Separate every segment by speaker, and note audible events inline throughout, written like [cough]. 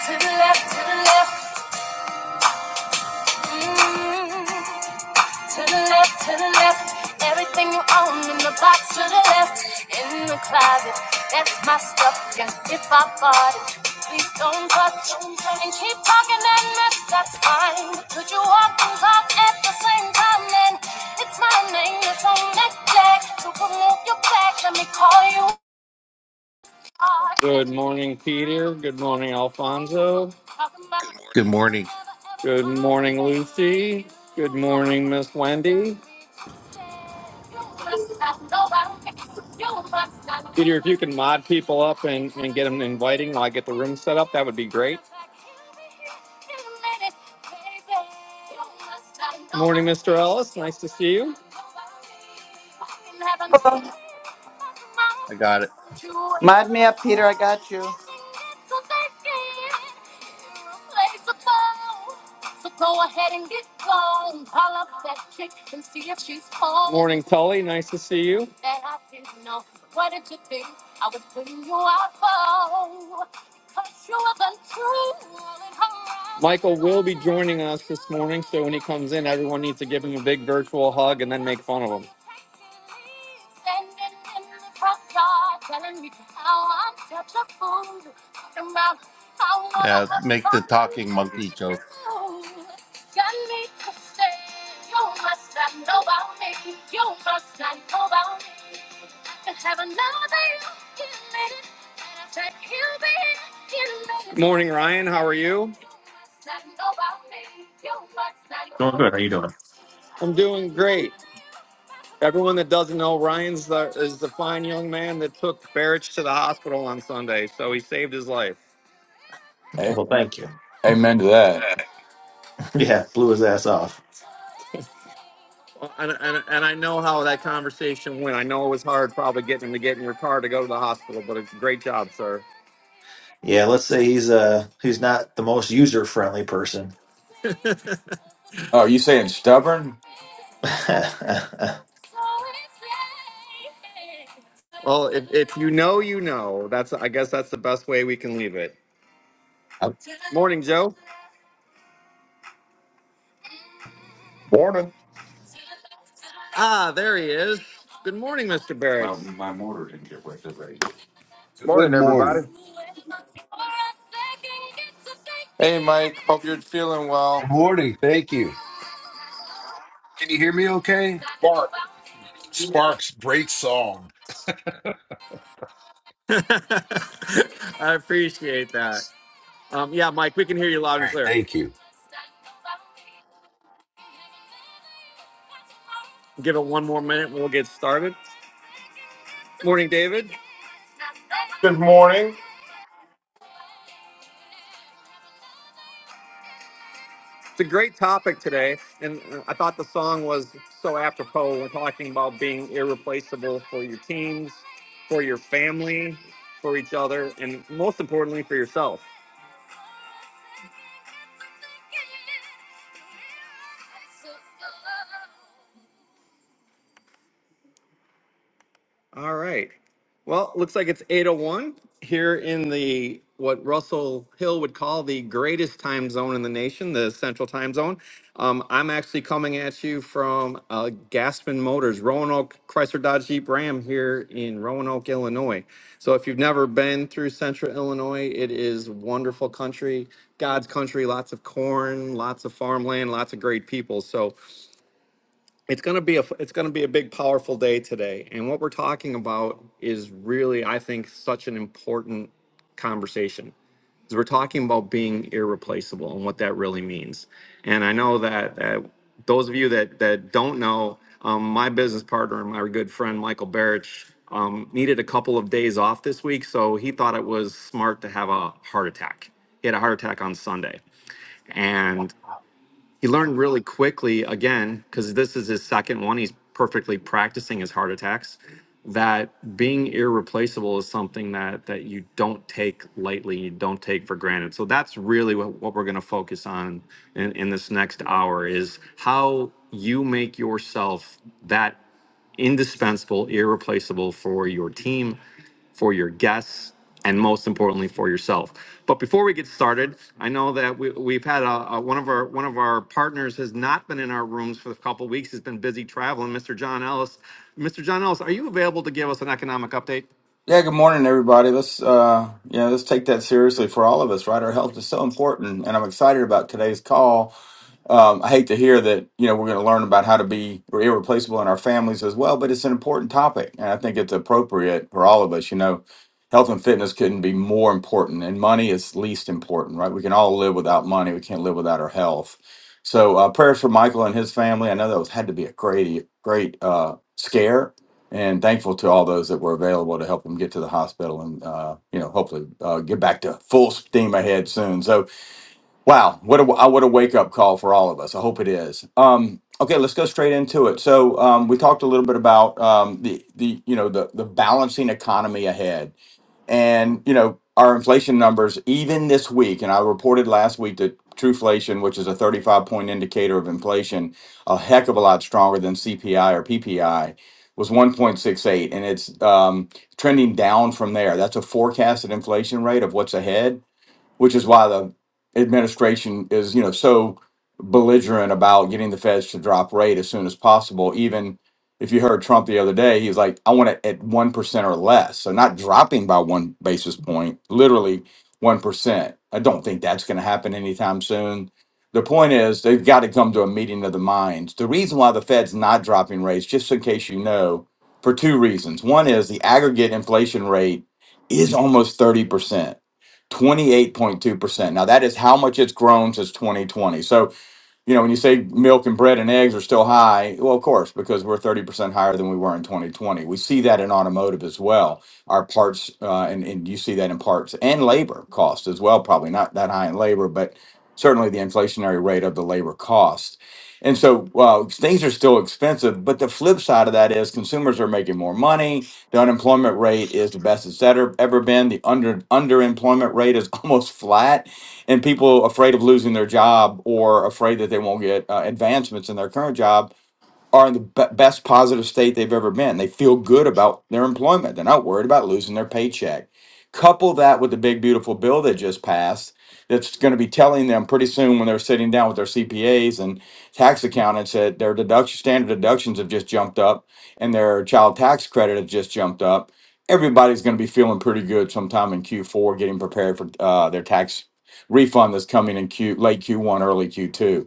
Speaker 1: To the left, to the left, mm, to the left, to the left. Everything you own in the box to the left, in the closet. That's my stuff, yes, if I bought it. Please don't touch and keep talking that mess, that's fine. But could you walk and talk at the same time? Then it's my name, it's on that jack. So remove your back, let me call you. Good morning, Peter. Good morning, Alfonso.
Speaker 2: Good morning.
Speaker 1: Good morning, Lucy. Good morning, Miss Wendy. Peter, if you can mod people up and, and get them inviting while I get the room set up, that would be great. Morning, Mr. Ellis. Nice to see you in heaven.
Speaker 2: I got it.
Speaker 1: Don't you
Speaker 3: Mod
Speaker 1: ever
Speaker 3: me up, Peter. I got you.
Speaker 1: to take it So go ahead and get gone. Call up that chick and see if she's home. Morning, Tully. Nice to see you. That I didn't know. What did you think I was putting you out for? Michael will be joining us this morning, so when he comes in, everyone needs to give him a big virtual hug and then make fun of him
Speaker 2: Yeah, make the talking monkey joke.
Speaker 1: morning, Ryan. How are you?
Speaker 4: Doing good. How you doing?
Speaker 1: I'm doing great. Everyone that doesn't know, Ryan's the, is the fine young man that took Barrich to the hospital on Sunday, so he saved his life.
Speaker 5: A-
Speaker 4: Well, thank you. [laughs]
Speaker 5: Amen to that.
Speaker 4: Yeah, blew his ass off.
Speaker 1: And, and, and I know how that conversation went. I know it was hard probably getting him to get in your car to go to the hospital, but it's great job, sir.
Speaker 4: Yeah, let's say he's uh he's not the most user friendly person.
Speaker 1: [laughs]
Speaker 5: Oh, are you saying stubborn?
Speaker 4: [laughs] yeah,
Speaker 1: Well, if, if you know, you know. That's I guess that's the best way we can leave it. Morning, Joe.
Speaker 6: Morning.
Speaker 1: Ah, there he is. Good morning, Mr. Barrett.
Speaker 7: My my motor didn't get wet today.
Speaker 8: Morning,
Speaker 9: Good morning.
Speaker 8: everybody.
Speaker 7: Hey, Mike. Hope you're feeling well.
Speaker 9: Good morning. Thank you. Can you hear me okay?
Speaker 10: Spark Sparks, great song.
Speaker 1: [laughs] I appreciate that. Um, yeah, Mike, we can hear you loud
Speaker 9: All
Speaker 1: and
Speaker 9: right.
Speaker 1: clear.
Speaker 9: Thank you.
Speaker 1: Give it one more minute, we'll get started. Morning, David.
Speaker 11: Good morning.
Speaker 1: It's a great topic today, and uh, I thought the song was so apropos. We're talking about being irreplaceable for your teams, for your family, for each other, and most importantly, for yourself. All right. Well, looks like it's 801 here in the what Russell Hill would call the greatest time zone in the nation, the central time zone. Um, I'm actually coming at you from uh, Gaspin Motors, Roanoke Chrysler Dodge Jeep Ram here in Roanoke, Illinois. So if you've never been through central Illinois, it is wonderful country, God's country, lots of corn, lots of farmland, lots of great people. So it's going to be a it's going to be a big powerful day today and what we're talking about is really i think such an important conversation because we're talking about being irreplaceable and what that really means and i know that, that those of you that that don't know um, my business partner and my good friend michael Barrich, um, needed a couple of days off this week so he thought it was smart to have a heart attack he had a heart attack on sunday and. He learned really quickly again because this is his second one. He's perfectly practicing his heart attacks. That being irreplaceable is something that that you don't take lightly. You don't take for granted. So that's really what, what we're going to focus on in, in this next hour is how you make yourself that indispensable, irreplaceable for your team, for your guests, and most importantly for yourself. But before we get started, I know that we, we've had a, a- one of our one of our partners has not been in our rooms for a couple of weeks. He's been busy traveling. Mr. John Ellis, Mr. John Ellis, are you available to give us an economic update?
Speaker 5: Yeah, good morning, everybody. Let's uh you know let's take that seriously for all of us, right? Our health is so important, and I'm excited about today's call. Um, I hate to hear that, you know, we're going to learn about how to be irreplaceable in our families as well, but it's an important topic, and I think it's appropriate for all of us. You know, health and fitness couldn't be more important, and money is least important, right? We can all live without money. We can't live without our health. So, uh, prayers for Michael and his family. I know that was had to be a great, great uh, scare and thankful to all those that were available to help them get to the hospital and uh, you know hopefully uh, get back to full steam ahead soon. So wow, what a uh, what a wake up call for all of us. I hope it is. Um, okay, let's go straight into it. So um, we talked a little bit about um, the the you know the the balancing economy ahead and you know our inflation numbers even this week and i reported last week that trueflation which is a 35 point indicator of inflation a heck of a lot stronger than cpi or ppi was 1.68 and it's um, trending down from there that's a forecasted inflation rate of what's ahead which is why the administration is you know so belligerent about getting the feds to drop rate as soon as possible even if you heard trump the other day he was like i want it at 1% or less so not dropping by one basis point literally 1% i don't think that's going to happen anytime soon the point is they've got to come to a meeting of the minds the reason why the fed's not dropping rates just in case you know for two reasons one is the aggregate inflation rate is almost 30% 28.2%. Now, that is how much it's grown since 2020. So you know, when you say milk and bread and eggs are still high, well, of course, because we're 30% higher than we were in 2020. We see that in automotive as well. Our parts, uh, and, and you see that in parts and labor cost as well, probably not that high in labor, but certainly the inflationary rate of the labor cost. And so uh, things are still expensive, but the flip side of that is consumers are making more money. The unemployment rate is the best it's ever, ever been. The under underemployment rate is [laughs] almost flat and people afraid of losing their job or afraid that they won't get uh, advancements in their current job are in the be- best positive state they've ever been. They feel good about their employment. They're not worried about losing their paycheck. Couple that with the big, beautiful bill that just passed that's going to be telling them pretty soon when they're sitting down with their CPAs and tax accountants that their deduction, standard deductions have just jumped up and their child tax credit has just jumped up. Everybody's going to be feeling pretty good sometime in Q4, getting prepared for uh, their tax refund that's coming in Q late Q1, early Q2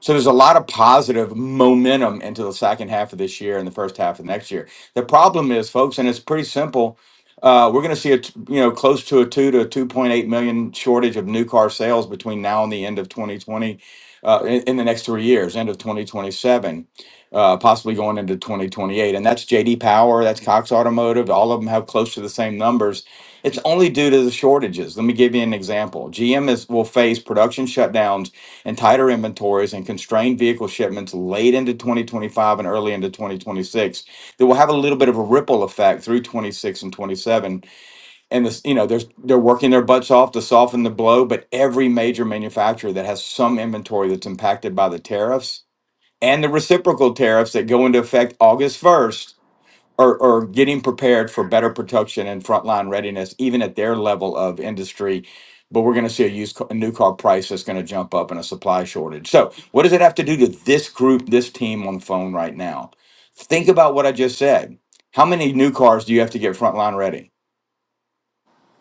Speaker 5: so there's a lot of positive momentum into the second half of this year and the first half of next year. The problem is, folks, and it's pretty simple. Uh, we're going to see a t- you know close to a two to two point eight million shortage of new car sales between now and the end of 2020, uh, in, in the next three years, end of 2027, uh, possibly going into 2028. And that's JD Power, that's Cox Automotive. All of them have close to the same numbers. It's only due to the shortages. Let me give you an example. GM is will face production shutdowns and tighter inventories and constrained vehicle shipments late into 2025 and early into 2026 that will have a little bit of a ripple effect through 26 and 27 and this you know there's they're working their butts off to soften the blow but every major manufacturer that has some inventory that's impacted by the tariffs and the reciprocal tariffs that go into effect August 1st or, or getting prepared for better protection and frontline readiness, even at their level of industry. But we're going to see a used ca- a new car price that's going to jump up and a supply shortage. So, what does it have to do to this group, this team on the phone right now? Think about what I just said. How many new cars do you have to get frontline ready?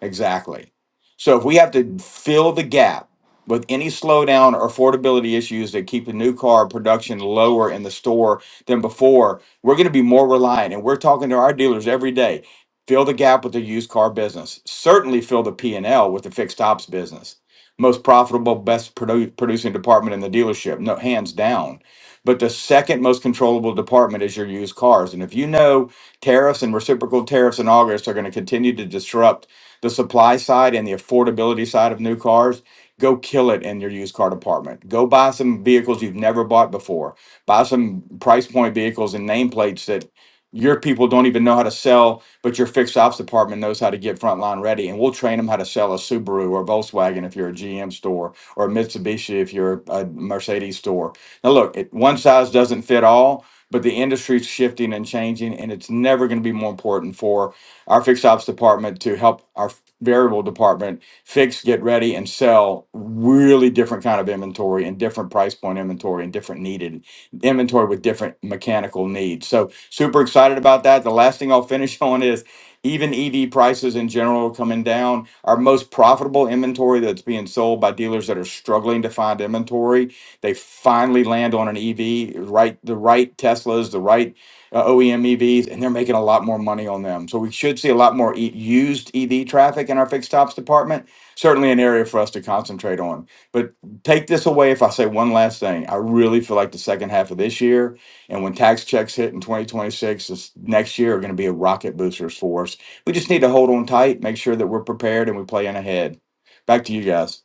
Speaker 5: Exactly. So if we have to fill the gap with any slowdown or affordability issues that keep the new car production lower in the store than before, we're going to be more reliant. And we're talking to our dealers every day. Fill the gap with the used car business. Certainly fill the P and L with the fixed ops business. Most profitable, best produ- producing department in the dealership, no hands down. But the second most controllable department is your used cars. And if you know tariffs and reciprocal tariffs in August are going to continue to disrupt the supply side and the affordability side of new cars, go kill it in your used car department. Go buy some vehicles you've never bought before. Buy some price point vehicles and nameplates that your people don't even know how to sell, but your fixed ops department knows how to get frontline ready. And we'll train them how to sell a Subaru or Volkswagen if you're a GM store, or a Mitsubishi if you're a Mercedes store. Now, look, it, one size doesn't fit all, but the industry's shifting and changing, and it's never going to be more important for our fixed ops department to help our variable department fix, get ready, and sell really different kind of inventory and different price point inventory and different needed inventory with different mechanical needs. So super excited about that. The last thing I'll finish [laughs] on is even EV prices in general are coming down. Our most profitable inventory that's being sold by dealers that are struggling to find inventory, they finally land on an EV, right? The right Teslas, the right uh, OEM EVs, and they're making a lot more money on them. So we should see a lot more e- used EV traffic in our fixed ops department. Certainly an area for us to concentrate on. But take this away if I say one last thing. I really feel like the second half of this year and when tax checks hit in 2026, this next year are going to be a rocket boosters for us. We just need to hold on tight, make sure that we're prepared and we plan ahead. Back to you guys.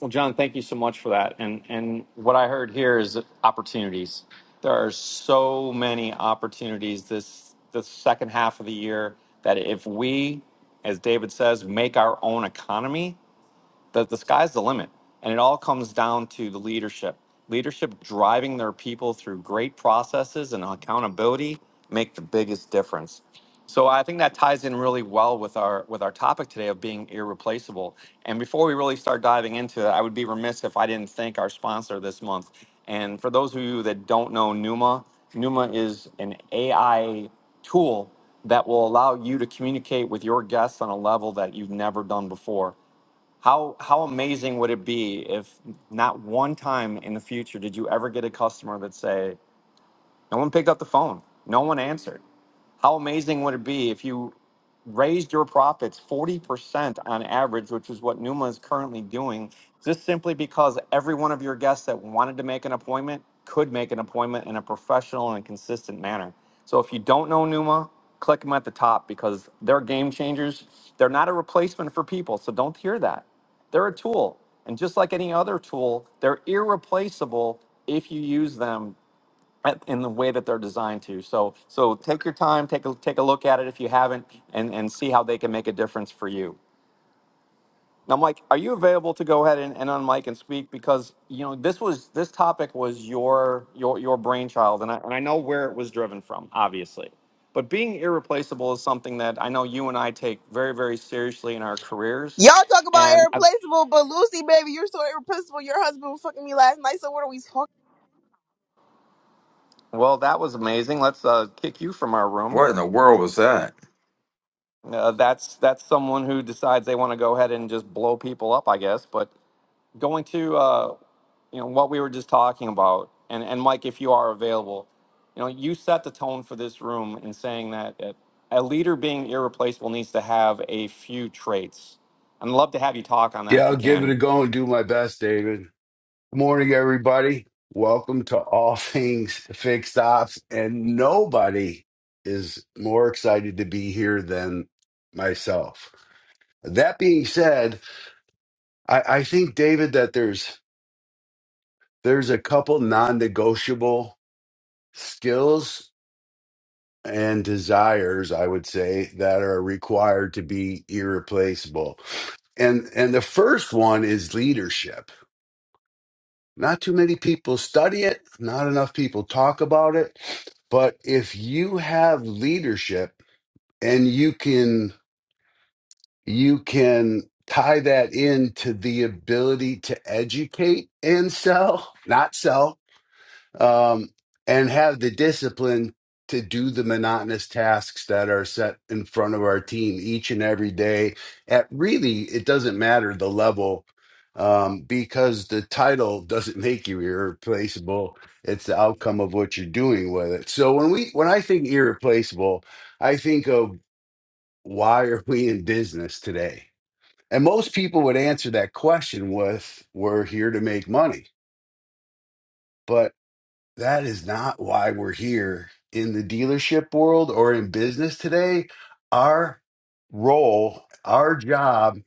Speaker 1: Well, John, thank you so much for that. And and what I heard here is opportunities. There are so many opportunities this the second half of the year that if we, as David says, make our own economy, that the sky's the limit. And it all comes down to the leadership. Leadership driving their people through great processes and accountability make the biggest difference. So I think that ties in really well with our with our topic today of being irreplaceable. And before we really start diving into it, I would be remiss if I didn't thank our sponsor this month. And for those of you that don't know Numa, Numa is an AI tool that will allow you to communicate with your guests on a level that you've never done before. How how amazing would it be if not one time in the future did you ever get a customer that say, no one picked up the phone. No one answered. How amazing would it be if you raised your profits 40% on average, which is what Numa is currently doing, just simply because every one of your guests that wanted to make an appointment could make an appointment in a professional and consistent manner. So if you don't know Numa, click them at the top because they're game changers. They're not a replacement for people, so don't hear that. They're a tool. And just like any other tool, they're irreplaceable if you use them at- in the way that they're designed to. So so take your time, take a take a look at it if you haven't, and and see how they can make a difference for you. Now, Mike, are you available to go ahead and, and unmic and speak? Because you know this was this topic was your your your brainchild, and I and I know where it was driven from, obviously. But being irreplaceable is something that I know you and I take very very seriously in our careers.
Speaker 12: Y'all talk about
Speaker 1: And I,
Speaker 12: irreplaceable, but Lucy, baby, you're so irreplaceable. Your husband was fucking me last night, so what are we talking
Speaker 1: well, that was amazing. Let's uh, kick you from our room.
Speaker 5: What in the world was that?
Speaker 1: Uh, that's that's someone who decides they want to go ahead and just blow people up, I guess. But going to uh, you know what we were just talking about, and and Mike, if you are available, you know you set the tone for this room in saying that uh, a leader being irreplaceable needs to have a few traits. I'd love to have you talk on that
Speaker 9: Yeah,
Speaker 1: if
Speaker 9: I'll
Speaker 1: you
Speaker 9: give it a
Speaker 1: can.
Speaker 9: go and do my best, David. Good morning, everybody. Welcome to All [laughs] Things Fixed Ops. And nobody is more excited to be here than myself. That being said, I, I think, David, that there's there's a couple non-negotiable skills and desires, I would say, that are required to be irreplaceable And and the first one is leadership. Not too many people study it, not enough people talk about it, but if you have leadership and you can you can tie that into the ability to educate and sell, not sell, um, and have the discipline to do the monotonous tasks that are set in front of our team each and every day. At really, it doesn't matter the level um, because the title doesn't make you irreplaceable. It's the outcome of what you're doing with it. So when we when I think irreplaceable, I think of why are we in business today? And most people would answer that question with, "We're here to make money." but that is not why we're here in the dealership world or in business today. Our role, our job,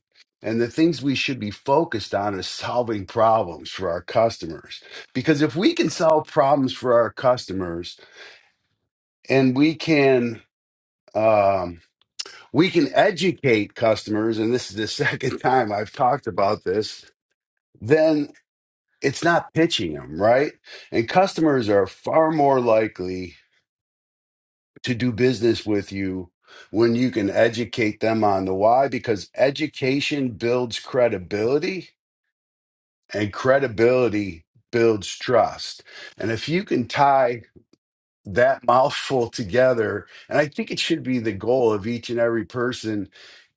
Speaker 9: and the things we should be focused on is solving problems for our customers. Because if we can solve problems for our customers and we can um, we can educate customers, and this is the second [laughs] time I've talked about this, then it's not pitching them, right? And customers are far more likely to do business with you when you can educate them on the why because education builds credibility and credibility builds trust and if you can tie that [laughs] mouthful together and i think it should be the goal of each and every person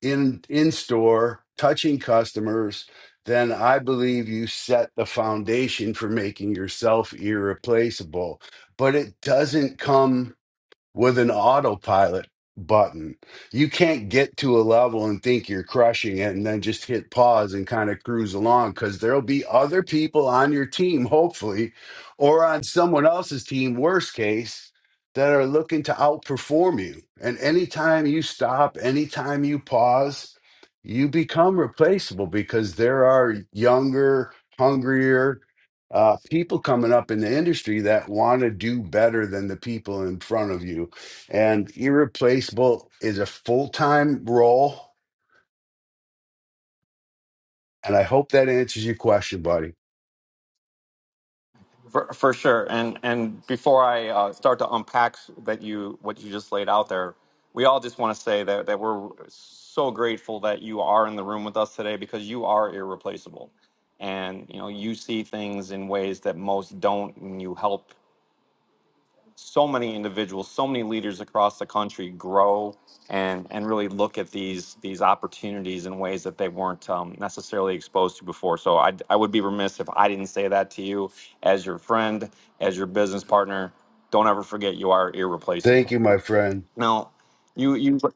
Speaker 9: in in store touching customers then i believe you set the foundation for making yourself irreplaceable but it doesn't come with an autopilot button. You can't get to a level and think you're crushing it and then just hit pause and kind of cruise along because there'll be other people on your team, hopefully, or on someone else's team, worst case, that are looking to outperform you. And anytime you stop, anytime you pause, you become replaceable because there are younger, hungrier, uh, people coming up in the industry that want to do better than the people in front of you. And irreplaceable is a full time role. And I hope that answers your question, buddy.
Speaker 1: For, for sure. And and before I uh, start to unpack that you what you just laid out there, we all just want to say that that we're so grateful that you are in the room with us today because you are irreplaceable. And you know, you see things in ways that most don't and you help so many individuals, so many leaders across the country grow and and really look at these these opportunities in ways that they weren't um, necessarily exposed to before. So I I would be remiss if I didn't say that to you as your friend, as your business partner. Don't ever forget you are
Speaker 9: Thank
Speaker 1: irreplaceable.
Speaker 9: you, my friend.
Speaker 1: Now, you you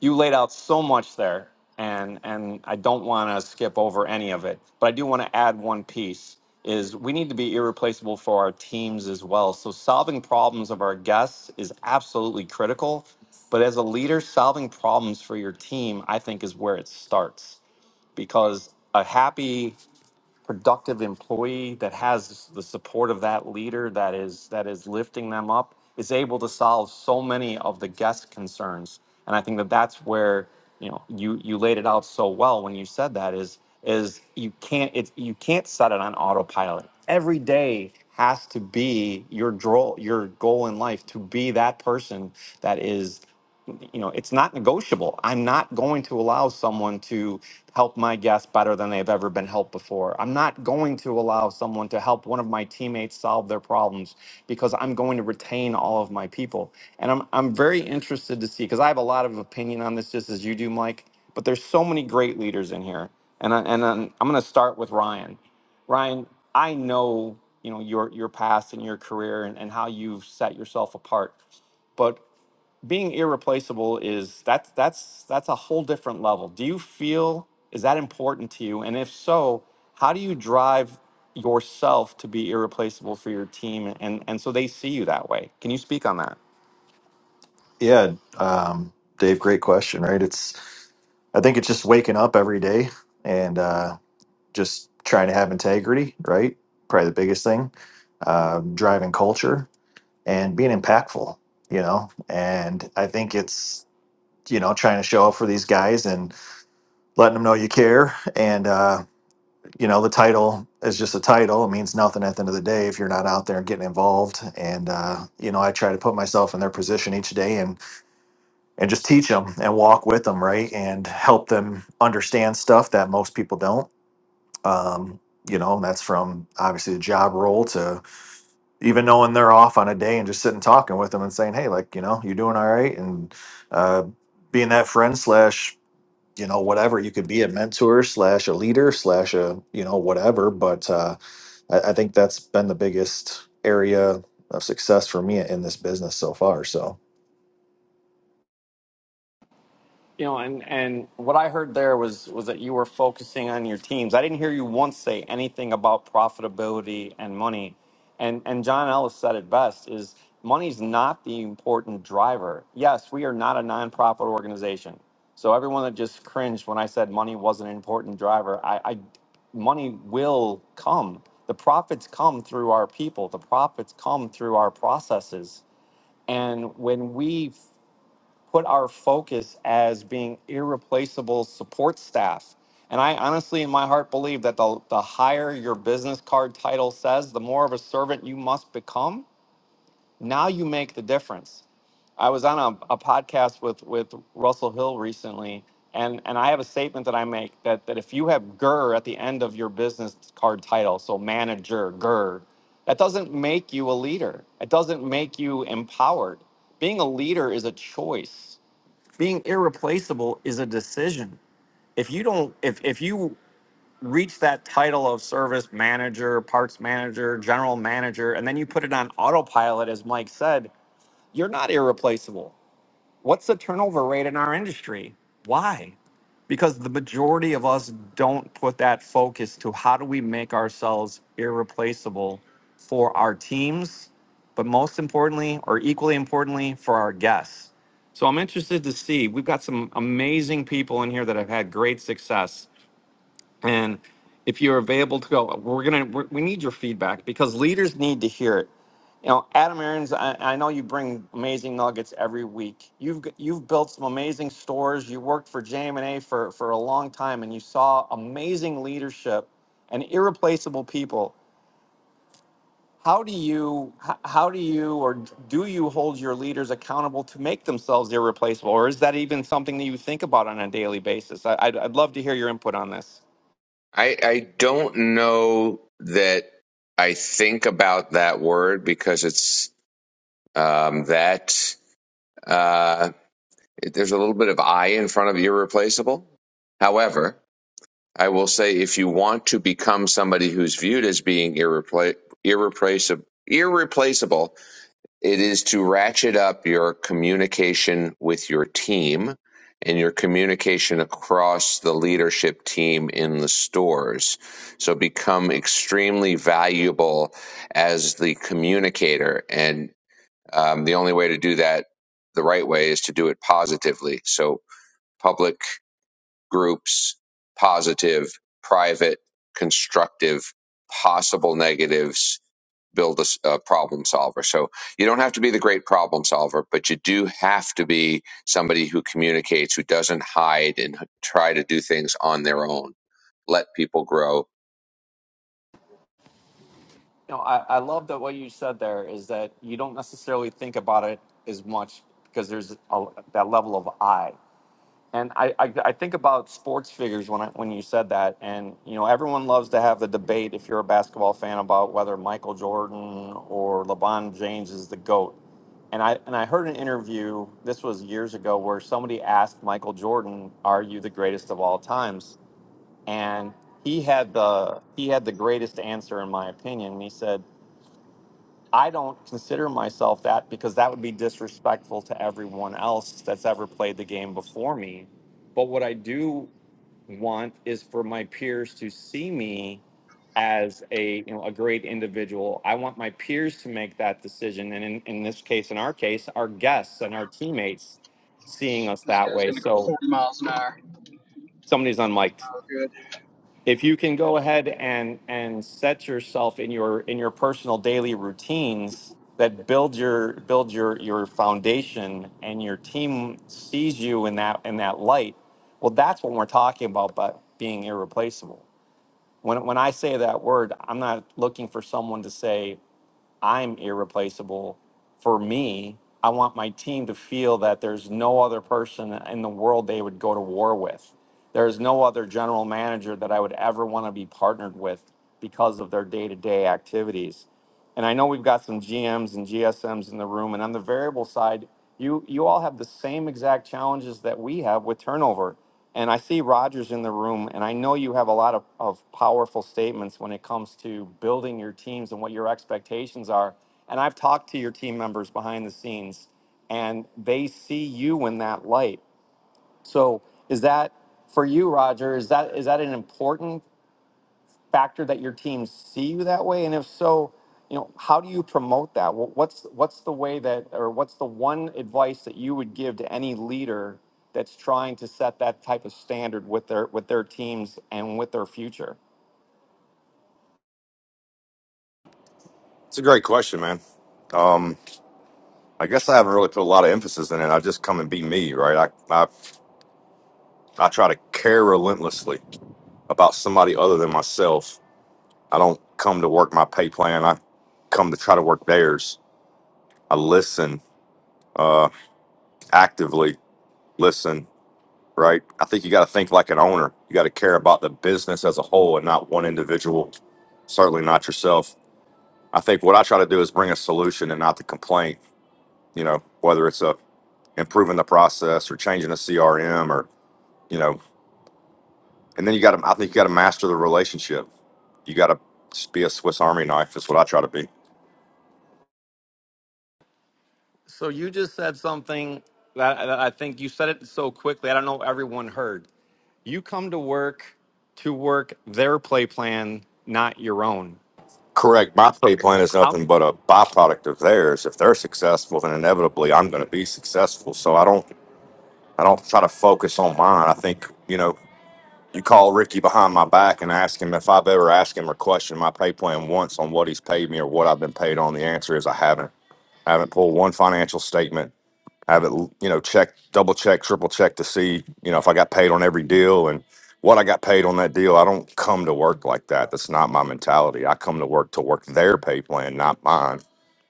Speaker 1: you laid out so much there and and i don't want to skip over any of it but i do want to add one piece is we need to be irreplaceable for our teams as well so solving problems of our guests is absolutely critical but as a leader solving problems for your team i think is where it starts because a happy productive employee that has the support of that leader that is that is lifting them up is able to solve so many of the guest concerns and i think that that's where you know you you laid it out so well when you said that is is you can't it's you can't set it on autopilot every day has to be your draw your goal in life to be that person that is you know it's not negotiable i'm not going to allow someone to help my guests better than they've ever been helped before i'm not going to allow someone to help one of my teammates solve their problems because i'm going to retain all of my people and i'm, I'm very interested to see because i have a lot of opinion on this just as you do mike but there's so many great leaders in here and, I, and I'm, I'm going to start with ryan Ryan, I know you know your your past and your career and, and how you've set yourself apart. But being irreplaceable is that's that's that's a whole different level. Do you feel is that important to you? And if so, how do you drive yourself to be irreplaceable for your team and and so they see you that way? Can you speak on that?
Speaker 4: um, Dave, great question, right? It's I think it's just waking up every day and uh, just trying to have integrity, right? Probably the biggest thing. Uh, driving culture and being impactful, you know. And I think it's you know trying to show up for these guys and letting them know you care and uh, you know, the title is just a title. It means nothing at the end of the day if you're not out there and getting involved. And uh, you know, I try to put myself in their position each day and and just teach them and walk with them, right, and help them understand stuff that most people don't. Um, you know, and that's from obviously the job role to even knowing they're off on a day and just sitting talking with them and saying, "Hey, like, you know, you doing all right?" and uh, being that friend slash you know whatever you could be a mentor slash a leader slash a you know whatever but uh I, I think that's been the biggest area of success for me in this business so far so
Speaker 1: You know, and and what I heard there was was that you were focusing on your teams. I didn't hear you once say anything about profitability and money. And and John Ellis said it best is money's not the important driver. Yes, we are not a nonprofit organization. So everyone that just cringed when I said money was an important driver, I, I money will come. The profits come through our people. The profits come through our processes. And when we put our focus as being irreplaceable support staff. And I honestly, in my heart, believe that the, the higher your business card title says, the more of a servant you must become. Now you make the difference. I was on a, a podcast with, with Russell Hill recently, and, and I have a statement that I make that, that if you have GER at the end of your business card title, so manager, GER, that doesn't make you a leader. It doesn't make you empowered. Being a leader is a choice being irreplaceable is a decision if you don't if if you reach that title of service manager parts manager general manager and then you put it on autopilot as mike said you're not irreplaceable What's the turnover rate in our industry? Why? Because the majority of us don't put that focus to how do we make ourselves irreplaceable for our teams, but most importantly, or equally importantly, for our guests. So I'm interested to see. We've got some amazing people in here that have had great success and if you're available to go we're gonna we we need your feedback because leaders need to hear it you know adam aaron's I, I know you bring amazing nuggets every week you've g- you've built some amazing stores you worked for jm&a for for a long time and you saw amazing leadership and irreplaceable people how do you h- how do you or do you hold your leaders accountable to make themselves irreplaceable or is that even something that you think about on a daily basis I, I'd, I'd love to hear your input on this
Speaker 13: I I don't know that I think about that word because it's um, that uh, it- there's a little bit of I in front of irreplaceable. However, I will say if you want to become somebody who's viewed as being irrepla- irreplaceable, irreplaceable it is to ratchet up your communication with your team and your communication across the leadership team in the stores. So become extremely valuable as the communicator. And um, the only way to do that the right way is to do it positively. So public groups, positive, private, constructive, possible negatives build a a problem solver. So you don't have to be the great problem solver, but you do have to be somebody who communicates, who doesn't hide and try to do things on their own. Let people grow
Speaker 1: No, I, I love that what you said there is that you don't necessarily think about it as much because there's a, that level of I. And I, I, I think about sports figures when I, when you said that, and you know everyone loves to have the debate if you're a basketball fan about whether Michael Jordan or LeBron James is the goat. And I and I heard an interview this was years ago where somebody asked Michael Jordan, "Are you the greatest of all times?" And he had the he had the greatest answer in my opinion. He said. I don't consider myself that because that would be disrespectful to everyone else that's ever played the game before me. But what I do want is for my peers to see me as a you know a great individual. I want my peers to make that decision, and in, in this case, in our case, our guests and our teammates seeing us
Speaker 14: This
Speaker 1: that
Speaker 14: guy's
Speaker 1: way.
Speaker 14: gonna go
Speaker 1: So
Speaker 14: 40 miles an hour.
Speaker 1: somebody's unmiked
Speaker 14: Oh, good.
Speaker 1: if you can go ahead and and set yourself in your in your personal daily routines that build your build your your foundation and your team sees you in that in that light well that's what we're talking about but being irreplaceable when when i say that word i'm not looking for someone to say I'm irreplaceable. For me, I want my team to feel that there's no other person in the world they would go to war with. There is no other general manager that I would ever want to be partnered with because of their day to day activities. And I know we've got some GMs and GSMs in the room, and on the variable side, you, you all have the same exact challenges that we have with turnover. And I see Rogers in the room, and I know you have a lot of, of powerful statements when it comes to building your teams and what your expectations are. And I've talked to your team members behind the scenes, and they see you in that light. So, is that for you, Roger? Is that is that an important? factor that your team see you that way? And if so, you know, how do you promote that? Wh- What's what's the way that, or what's the one advice that you would give to any leader that's trying to set that type of standard with their with their teams and with their future?
Speaker 15: It's a great question, man. Um, I guess I haven't really put a lot of emphasis in it. I just come and be me, right? I, I, I try to care relentlessly about somebody other than myself. I don't come to work my pay plan. I come to try to work theirs. I listen, uh, actively listen, right? I think you got to think like an owner. You got to care about the business as a whole and not one individual, certainly not yourself. I think what I try to do is bring a solution and not the complaint, you know, whether it's a improving the process or changing a CRM or you know, and then you got to I think you got to master the relationship. You got to be a Swiss Army knife is what I try to be.
Speaker 1: So you just said something that that I think you said it so quickly. I don't know if everyone heard. You come to work to work their play plan, not your own.
Speaker 15: Correct. My pay plan is
Speaker 1: How?
Speaker 15: nothing but a byproduct of theirs. If they're successful, then inevitably I'm going to be successful. So I don't I don't try to focus on mine. I think you know. You call Ricky behind my back and ask him if I've ever asked him or questioned my pay plan once on what he's paid me or what I've been paid on. The answer is I haven't. I haven't pulled one financial statement have it l- you know check double check triple check to see you know if i got paid on every deal and what i got paid on that deal i don't come to work like that that's not my mentality i come to work to work their pay plan not mine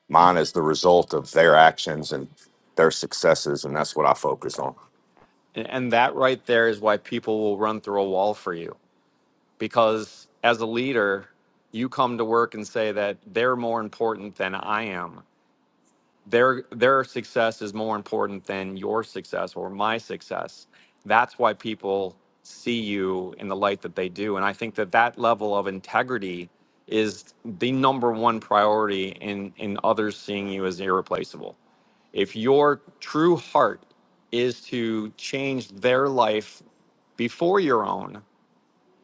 Speaker 15: mine is the result of their actions and their successes and that's what i focus on
Speaker 1: And and that right there is why people will run through a wall for you because as a leader you come to work and say that they're more important than i am their their success is more important than your success or my success that's why people see you in the light that they do and i think that that level of integrity is the number one priority in in others seeing you as irreplaceable if your true heart is to change their life before your own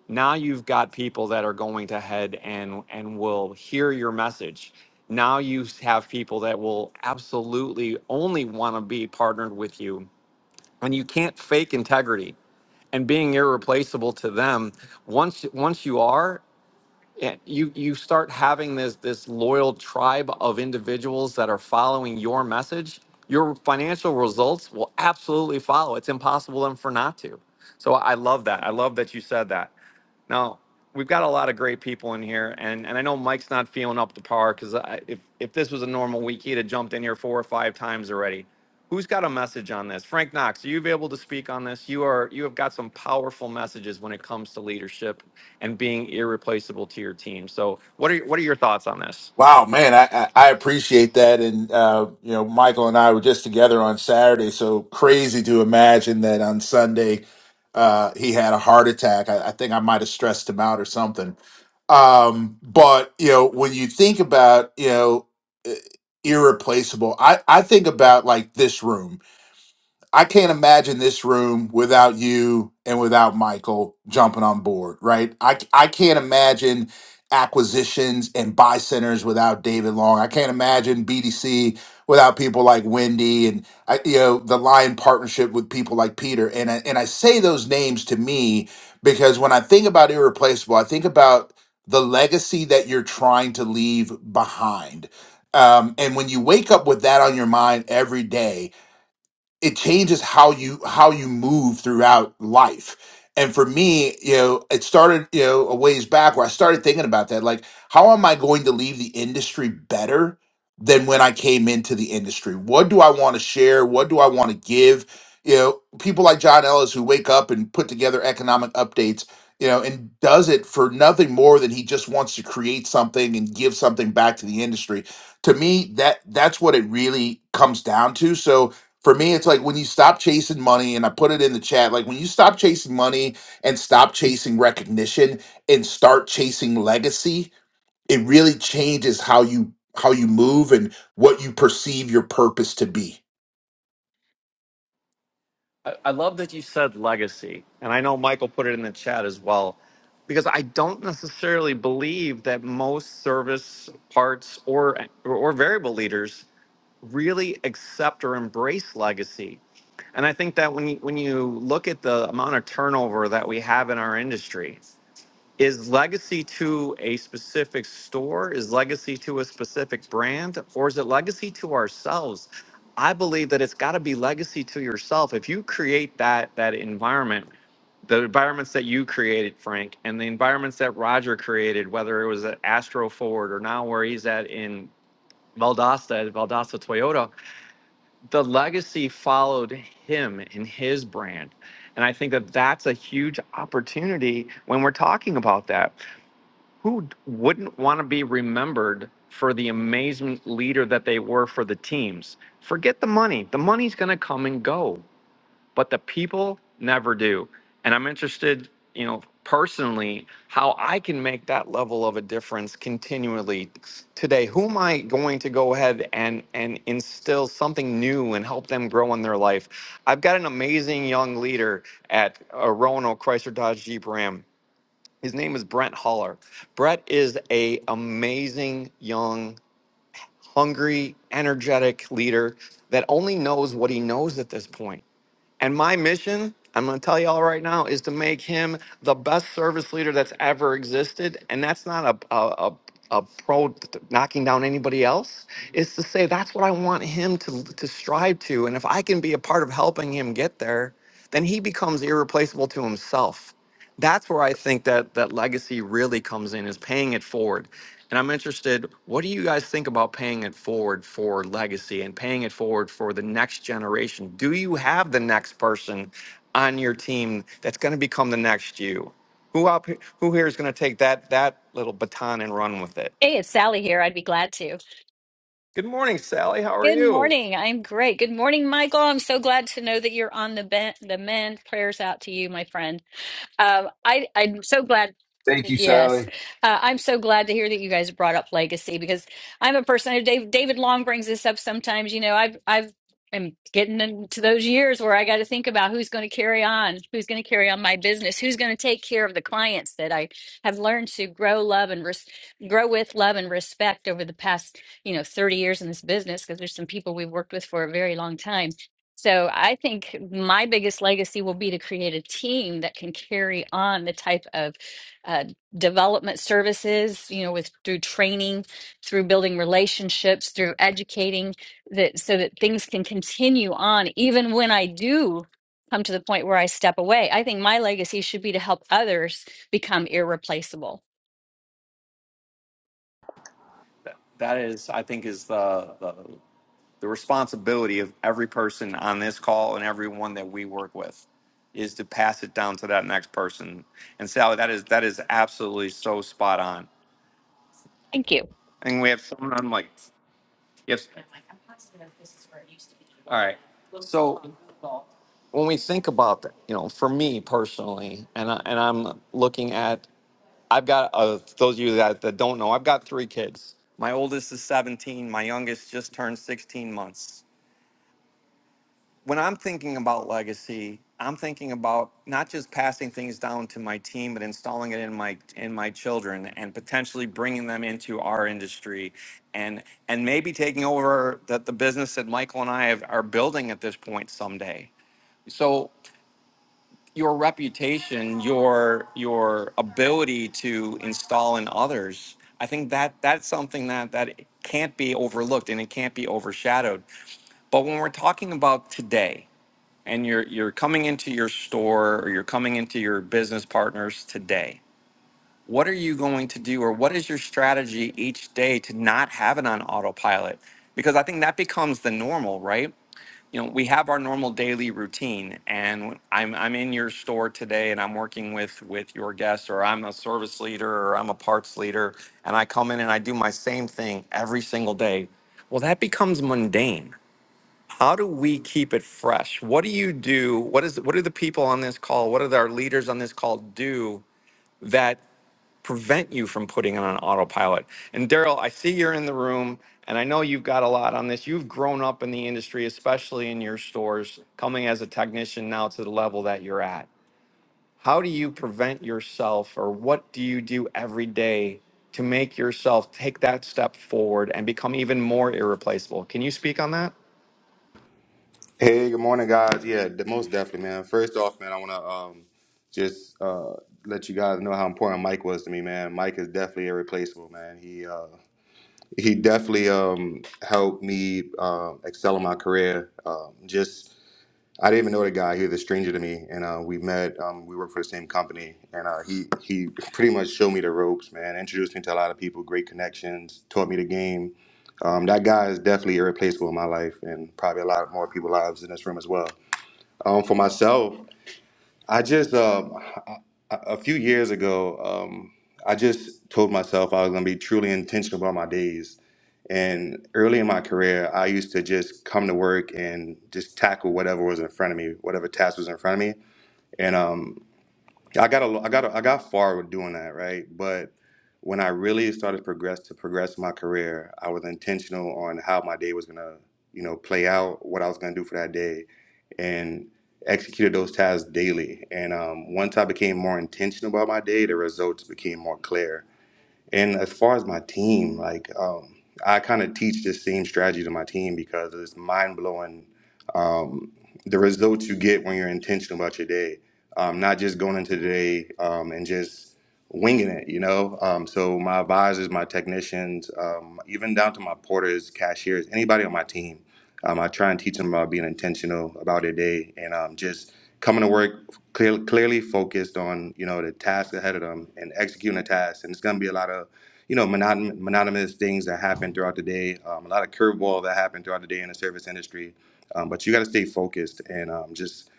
Speaker 1: now you've got people that are going to head and and will hear your message now you have people that will absolutely only want to be partnered with you and you can't fake integrity and being irreplaceable to them once once you are eh, you you start having this this loyal tribe of individuals that are following your message your financial results will absolutely follow it's impossible then for not to so i love that i love that you said that now we've got a lot of great people in here, and and I know Mike's not feeling up to par because if if this was a normal week, he'd have jumped in here four or five times already. Who's got a message on this? Frank Knox, are you able to speak on this? You are you have got some powerful messages when it comes to leadership and being irreplaceable to your team. So what are what are your thoughts on this?
Speaker 10: Wow, man, I, I I appreciate that. And, uh, you know, Michael and I were just together on Saturday, so crazy to imagine that on Sunday uh, he had a heart attack. I, I think I might have stressed him out or something. Um, but you know, when you think about you know i- irreplaceable, I I think about like this room. I can't imagine this room without you and without Michael jumping on board, right? I, I can't imagine acquisitions and buy centers without David Long. I can't imagine BDC without people like Wendy and I, you know the Lion partnership with people like Peter. And I, and I say those names to me because when I think about irreplaceable, I think about the legacy that you're trying to leave behind. Um, and when you wake up with that on your mind every day, it changes how you how you move throughout life. And for me, you know, it started, you know, a ways back where I started thinking about that. Like, how am I going to leave the industry better than when I came into the industry? What do I want to share? What do I want to give? You know, people like John Ellis who wake up and put together economic updates, you know, and does it for nothing more than he just wants to create something and give something back to the industry. To me, that that's what it really comes down to. So for me it's like when you stop chasing money and i put it in the chat like when you stop chasing money and stop chasing recognition and start chasing legacy it really changes how you how you move and what you perceive your purpose to be
Speaker 1: I, I love that you said legacy, and I know Michael put it in the chat as well, because I don't necessarily believe that most service parts or or variable leaders really accept or embrace legacy. And I think that when you, when you look at the amount of turnover that we have in our industry, is legacy to a specific store is legacy to a specific brand or is it legacy to ourselves i believe that it's got to be legacy to yourself if you create that that environment the environments that you created frank and the environments that roger created whether it was at astro ford or now where he's at in valdosta at valdosta toyota the legacy followed him and his brand and i think that that's a huge opportunity when we're talking about that who d- wouldn't want to be remembered for the amazing leader that they were for the teams? Forget the money. The money's going to come and go, but the people never do. And I'm interested, you know, personally, how I can make that level of a difference continually today. Who am I going to go ahead and and instill something new and help them grow in their life? I've got an amazing young leader at uh, Roanoke Chrysler Dodge Jeep Ram his name is Brent Holler. Brett is a amazing young, hungry, energetic leader that only knows what he knows at this point. And my mission, I'm going to tell you all right now, is to make him the best service leader that's ever existed. And that's not a a, a a pro t- knocking down anybody else is to say that's what I want him to to strive to. And if I can be a part of helping him get there, then he becomes irreplaceable to himself that's where I think that that legacy really comes in is paying it forward. And I'm interested, what do you guys think about paying it forward for legacy and paying it forward for the next generation? Do you have the next person on your team that's going to become the next you? Who up who here is going to take that that little baton and run with it?
Speaker 16: Hey, it's Sally here. I'd be glad to.
Speaker 1: Good morning, Sally. How are
Speaker 16: Good
Speaker 1: you?
Speaker 16: morning. I'm great. Good morning, Michael. I'm so glad to know that you're on the ben- the mend. Prayers out to you, my friend. Um, I I'm so glad.
Speaker 9: Thank you,
Speaker 16: Yes.
Speaker 9: Sally.
Speaker 16: Uh, I'm so glad to hear that you guys brought up legacy because I'm a person, I know Dave, David Long brings this up sometimes, you know, I've, I've, I'm getting into those years where I got to think about who's going to carry on, who's going to carry on my business, who's going to take care of the clients that I have learned to grow, love, and res- grow with love and respect over the past, you know, 30 years in this business because there's some people we've worked with for a very long time. So I think my biggest legacy will be to create a team that can carry on the type of uh, development services you know with through training through building relationships through educating that so that things can continue on even when i do come to the point where i step away i think my legacy should be to help others become irreplaceable
Speaker 1: That is, I think, is the, The responsibility of every person on this call and everyone that we work with is to pass it down to that next person. And Sally, that is that is absolutely so spot on.
Speaker 16: thank you
Speaker 1: And we have someone I'm like, yes. All right. So when we think about that, you know, for me personally, and I, and I'm looking at, I've got uh, those of you that, that don't know, I've got three kids. My oldest is 17. My youngest just turned 16 months when I'm thinking about legacy, I'm thinking about not just passing things down to my team, but installing it in my in my children and potentially bringing them into our industry, and and maybe taking over that the business that Michael and I have, are building at this point someday. So your reputation, your your ability to install in others, I think that that's something that that can't be overlooked and it can't be overshadowed. But when we're talking about today and you're you're coming into your store or you're coming into your business partners today what are you going to do or what is your strategy each day to not have it on autopilot because i think that becomes the normal right you know we have our normal daily routine and i'm i'm in your store today and i'm working with with your guests or i'm a service leader or i'm a parts leader and i come in and i do my same thing every single day well that becomes mundane how do we keep it fresh? What do you do? What is what do the people on this call, what do our leaders on this call do that prevent you from putting it on autopilot? And Daryl, I see you're in the room and I know you've got a lot on this. You've grown up in the industry, especially in your stores, coming as a technician now to the level that you're at. How do you prevent yourself or what do you do every day to make yourself take that step forward and become even more irreplaceable? Can you speak on that?
Speaker 17: Hey, good morning, guys. Yeah, de- most definitely, man. First off, man, I want to um, just uh, let you guys know how important Mike was to me, man. Mike is definitely irreplaceable, man. He uh, he definitely um, helped me uh, excel in my career. Um, just I didn't even know the guy; he was a stranger to me, and uh, we met. Um, we worked for the same company, and uh, he he pretty much showed me the ropes, man. Introduced me to a lot of people, great connections, taught me the game. Um, that guy is definitely irreplaceable in my life, and probably a lot more people's lives in this room as well. Um, for myself, I just um, I- I- a few years ago, um, I just told myself I was going to be truly intentional about my days. And early in my career, I used to just come to work and just tackle whatever was in front of me, whatever task was in front of me. And um, I got a, lo- I got a, I got far with doing that, right? But when I really started progress to progress my career, I was intentional on how my day was gonna, you know, play out, what I was gonna do for that day and executed those tasks daily. And um, once I became more intentional about my day, the results became more clear. And as far as my team, like um, I kind of teach this same strategy to my team because it's mind blowing um, the results you get when you're intentional about your day, um, not just going into the day um, and just winging it, you know? Um, so my advisors, my technicians, um, even down to my porters, cashiers, anybody on my team, um, I try and teach them about being intentional about their day and um, just coming to work clear, clearly focused on you know the task ahead of them and executing the task. And it's going to be a lot of you know monoton- monotonous things that happen throughout the day, um, a lot of curveball that happen throughout the day in the service industry. Um, but you got to stay focused and um, just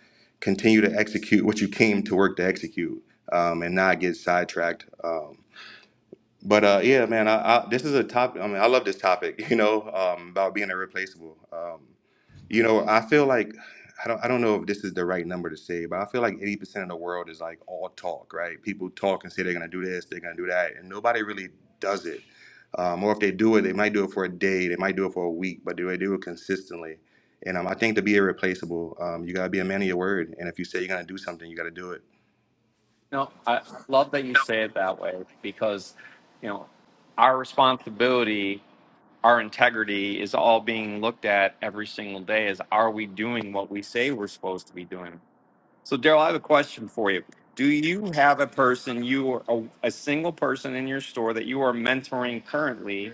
Speaker 17: continue to execute what you came to work to execute um, and not get sidetracked. Um, but uh, yeah, man, I, I, this is a topic. I mean, I love this topic. [laughs] You know, um, about being irreplaceable. Um, you know, I feel like I don't. I don't know if this is the right number to say, but I feel like eighty percent of the world is like all talk, right? People talk and say they're gonna do this, they're gonna do that, and nobody really does it. Um, or if they do it, they might do it for a day, they might do it for a week, but do they do it consistently? And um, I think to be irreplaceable, um, you gotta be a man of your word. And if you say you're gonna do something, you gotta do it.
Speaker 1: No, I, I love that you say it that way because, you know, our responsibility, our integrity is all being looked at every single day is are we doing what we say we're supposed to be doing? So, Daryl, I have a question for you. Do you have a person, you or a, a single person in your store that you are mentoring currently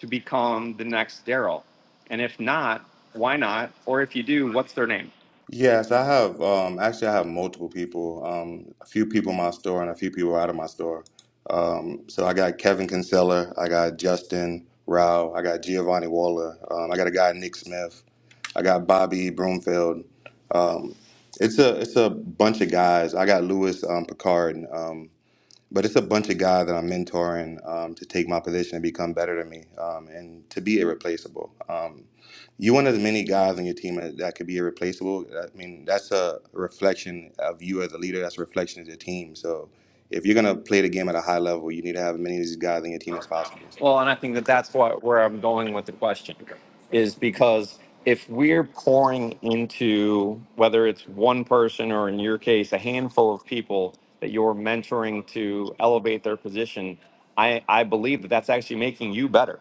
Speaker 1: to become the next Daryl? And if not, why not? Or if you do, what's their name?
Speaker 17: Yes, I have. Um, actually, I have multiple people. Um, a few people in my store and a few people out of my store. Um, so I got Kevin Kinsella, I got Justin Rao, I got Giovanni Waller, um, I got a guy Nick Smith, I got Bobby Broomfield. Um, it's a it's a bunch of guys. I got Louis um, Picard. Um, but it's a bunch of guys that I'm mentoring um, to take my position and become better than me um, and to be irreplaceable. Um, you want as many guys on your team that that could be irreplaceable. I mean, that's a reflection of you as a leader. That's a reflection of your team. So if you're going to play the game at a high level, you need to have as many of these guys on your team as possible.
Speaker 1: Well, and I think that that's what, where I'm going with the question is because if we're pouring into whether it's one person or in your case, a handful of people that you're mentoring to elevate their position, I, I believe that that's actually making you better,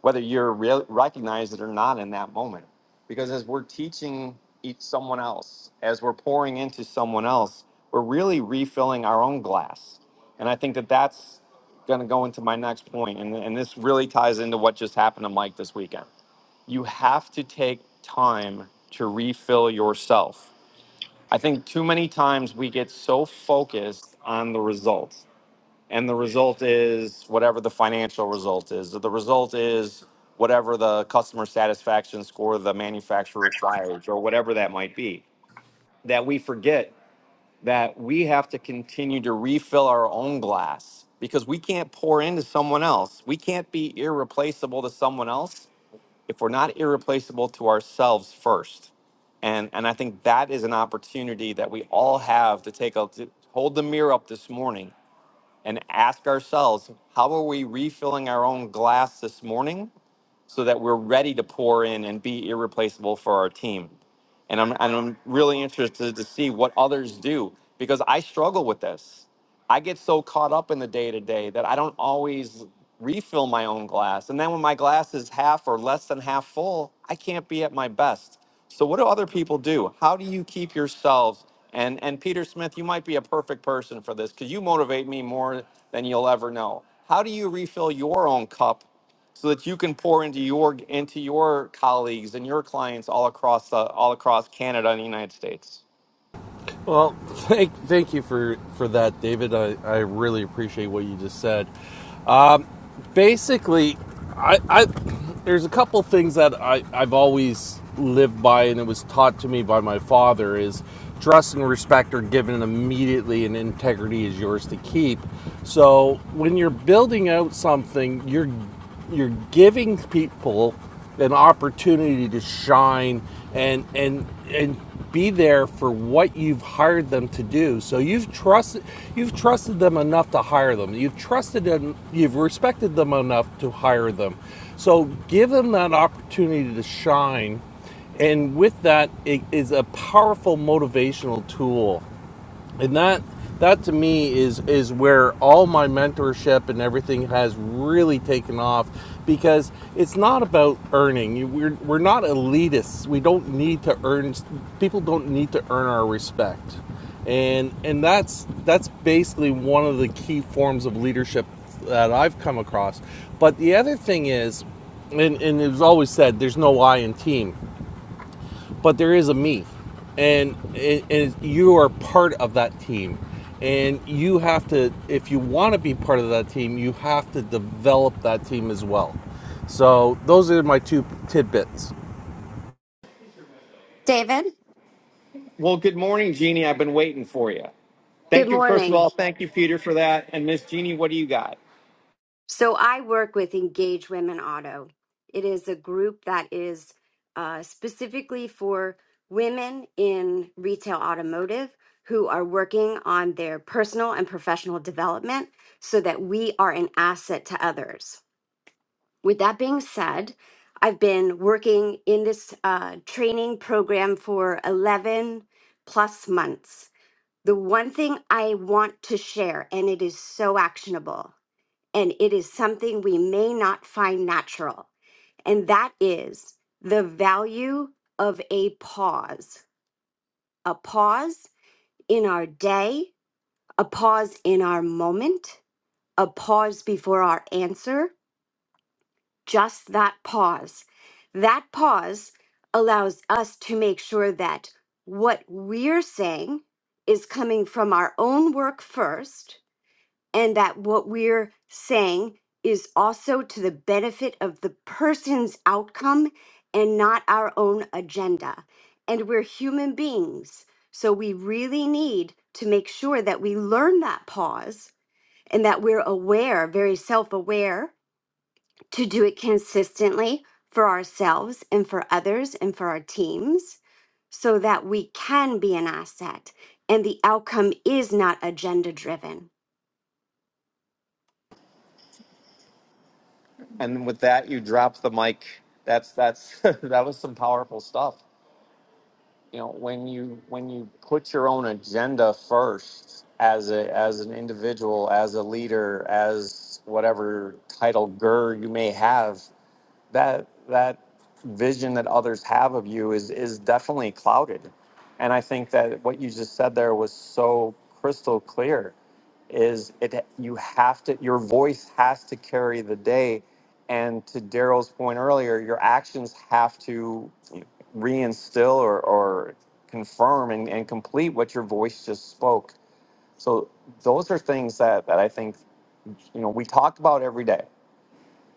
Speaker 1: whether you're re- recognized it or not in that moment. Because as we're teaching each someone else, as we're pouring into someone else, we're really refilling our own glass. And I think that that's going to go into my next point, and, and this really ties into what just happened to Mike this weekend. You have to take time to refill yourself. I think too many times we get so focused on the results, and the result is whatever the financial result is, or the result is whatever the customer satisfaction score the manufacturer requires, or whatever that might be, that we forget that we have to continue to refill our own glass because we can't pour into someone else. We can't be irreplaceable to someone else if we're not irreplaceable to ourselves first. And and I think that is an opportunity that we all have to take a to hold the mirror up this morning and ask ourselves, how are we refilling our own glass this morning so that we're ready to pour in and be irreplaceable for our team? and I'm and I'm really interested to see what others do because I struggle with this. I get so caught up in the day to day that I don't always refill my own glass. And then when my glass is half or less than half full, I can't be at my best. So what do other people do? How do you keep yourselves and and Peter Smith, you might be a perfect person for this cuz you motivate me more than you'll ever know. How do you refill your own cup so that you can pour into your into your colleagues and your clients all across uh, all across Canada and the United States.
Speaker 2: Well, [laughs] thank thank you for for that, David. I, I really appreciate what you just said. Um, basically, I, I there's a couple things that I I've always lived by, and it was taught to me by my father is trust and respect are given immediately, and integrity is yours to keep. So when you're building out something, you're you're giving people an opportunity to shine and and and be there for what you've hired them to do. So you've trusted you've trusted them enough to hire them. You've trusted them you've respected them enough to hire them. So give them that opportunity to shine and with that it is a powerful motivational tool and that that to me is is where all my mentorship and everything has really taken off because it's not about earning we're, we're not elitists we don't need to earn people don't need to earn our respect and and that's that's basically one of the key forms of leadership that I've come across but the other thing is and, and it was always said there's no I in team but there is a me and, and, and you are part of that team and you have to if you want to be part of that team you have to develop that team as well so those are my two tidbits
Speaker 18: David,
Speaker 1: Well, good morning, Jeannie. I've been waiting for you.
Speaker 18: good
Speaker 1: Thank you. First of
Speaker 18: morning.
Speaker 1: all, thank you, Peter, for that. And Miss Jeannie, what do you got?
Speaker 18: So I work with Engage Women Auto. It is a group that is uh, specifically for women in retail automotive who are working on their personal and professional development so that we are an asset to others. With that being said, I've been working in this uh, training program for 11 plus months. The one thing I want to share, and it is so actionable and it is something we may not find natural. And that is the value of a pause, a pause in our day, a pause in our moment, a pause before our answer, just that pause. That pause allows us to make sure that what we're saying is coming from our own work first and that what we're saying is also to the benefit of the person's outcome and not our own agenda. And we're human beings. So we really need to make sure that we learn that pause and that we're aware, very self aware, to do it consistently for ourselves and for others and for our teams so that we can be an asset and the outcome is not agenda driven.
Speaker 1: And with that, you drop the mic. That's that's [laughs] that was some powerful stuff. You know, when you when you put your own agenda first as a as an individual, as a leader, as whatever title GER you may have, that that vision that others have of you is is definitely clouded and i think that what you just said there was so crystal clear is it you have to your voice has to carry the day and to daryl's point earlier your actions have to reinstill or, or confirm and, and complete what your voice just spoke so those are things that, that i think you know we talk about every day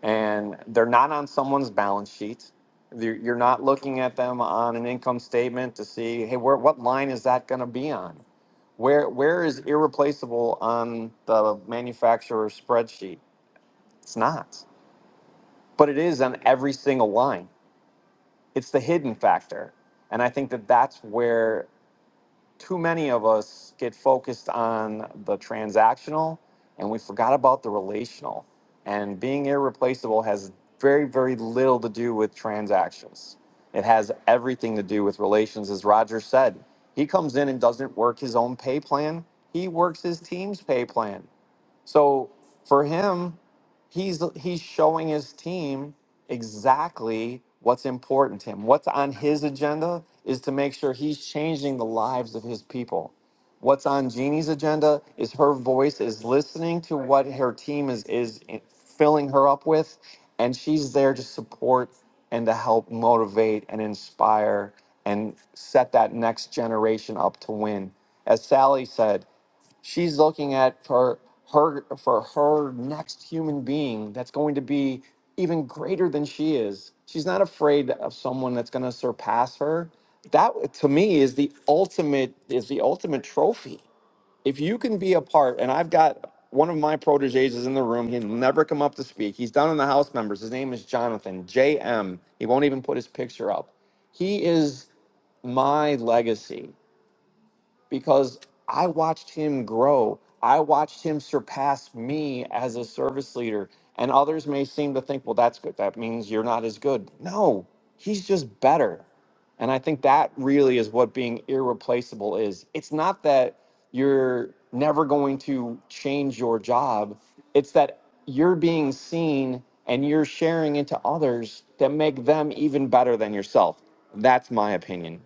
Speaker 1: and they're not on someone's balance sheet. You're you're not looking at them on an income statement to see, hey, where what line is that going to be on? Where where is irreplaceable on the manufacturer's spreadsheet? It's not, but it is on every single line. It's the hidden factor, and I think that that's where too many of us get focused on the transactional and we forgot about the relational. And being irreplaceable has very, very little to do with transactions. It has everything to do with relations. As Roger said, he comes in and doesn't work his own pay plan, he works his team's pay plan. So for him, he's he's showing his team exactly what's important to him. What's on his agenda is to make sure he's changing the lives of his people. What's on Jeannie's agenda is her voice is listening to what her team is is filling her up with, and she's there to support and to help motivate and inspire and set that next generation up to win. As Sally said, She's looking at for her for her next human being that's going to be even greater than she is. She's not afraid of someone that's going to surpass her. That to me is the ultimate is the ultimate trophy. If you can be a part, and I've got one of my proteges is in the room. He'll never come up to speak. He's down in the house members. His name is Jonathan J M. He won't even put his picture up. He is my legacy because I watched him grow. I watched him surpass me as a service leader. And others may seem to think, well, that's good. That means you're not as good. No, he's just better. And I think that really is what being irreplaceable is. It's not that you're never going to change your job, it's that you're being seen and you're sharing into others that make them even better than yourself. That's my opinion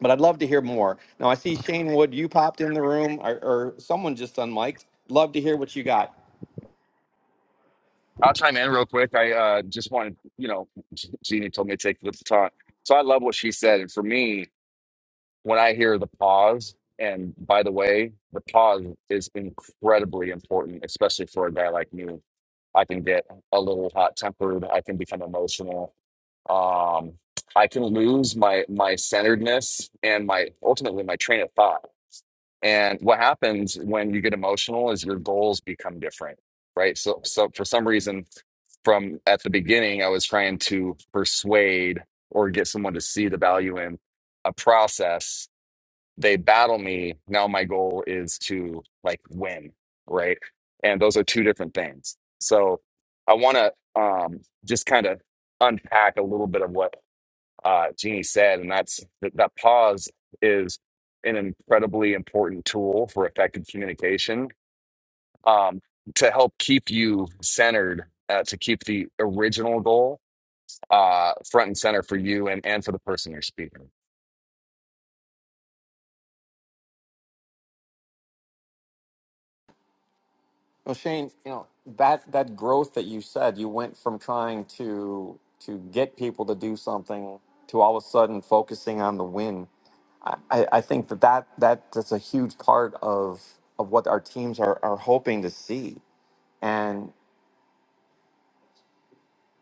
Speaker 1: but I'd love to hear more. Now I see Shane Wood, you popped in the room, or, or someone just unmiked. Love to hear what you got.
Speaker 19: I'll chime in real quick. I uh, just wanted, you know, Jeannie told me to take the baton. So I love what she said. And for me, when I hear the pause, and by the way, the pause is incredibly important, especially for a guy like me. I can get a little hot tempered. I can become emotional. Um, I can lose my my centeredness and my ultimately my train of thought and what happens when you get emotional is your goals become different, right? So, so for some reason, from at the beginning, I was trying to persuade or get someone to see the value in a process. They battle me. Now my goal is to like win, right? And those are two different things. So I want to um, just kind of unpack a little bit of what uh, Jeannie said, and that's that, that pause is an incredibly important tool for effective communication um, to help keep you centered, uh, to keep the original goal uh, front and center for you and, and for the person you're speaking.
Speaker 1: Well, Shane, you know that that growth that you said you went from trying to to get people to do something to all of a sudden focusing on the win. I, I I think that, that that that's a huge part of of what our teams are are hoping to see.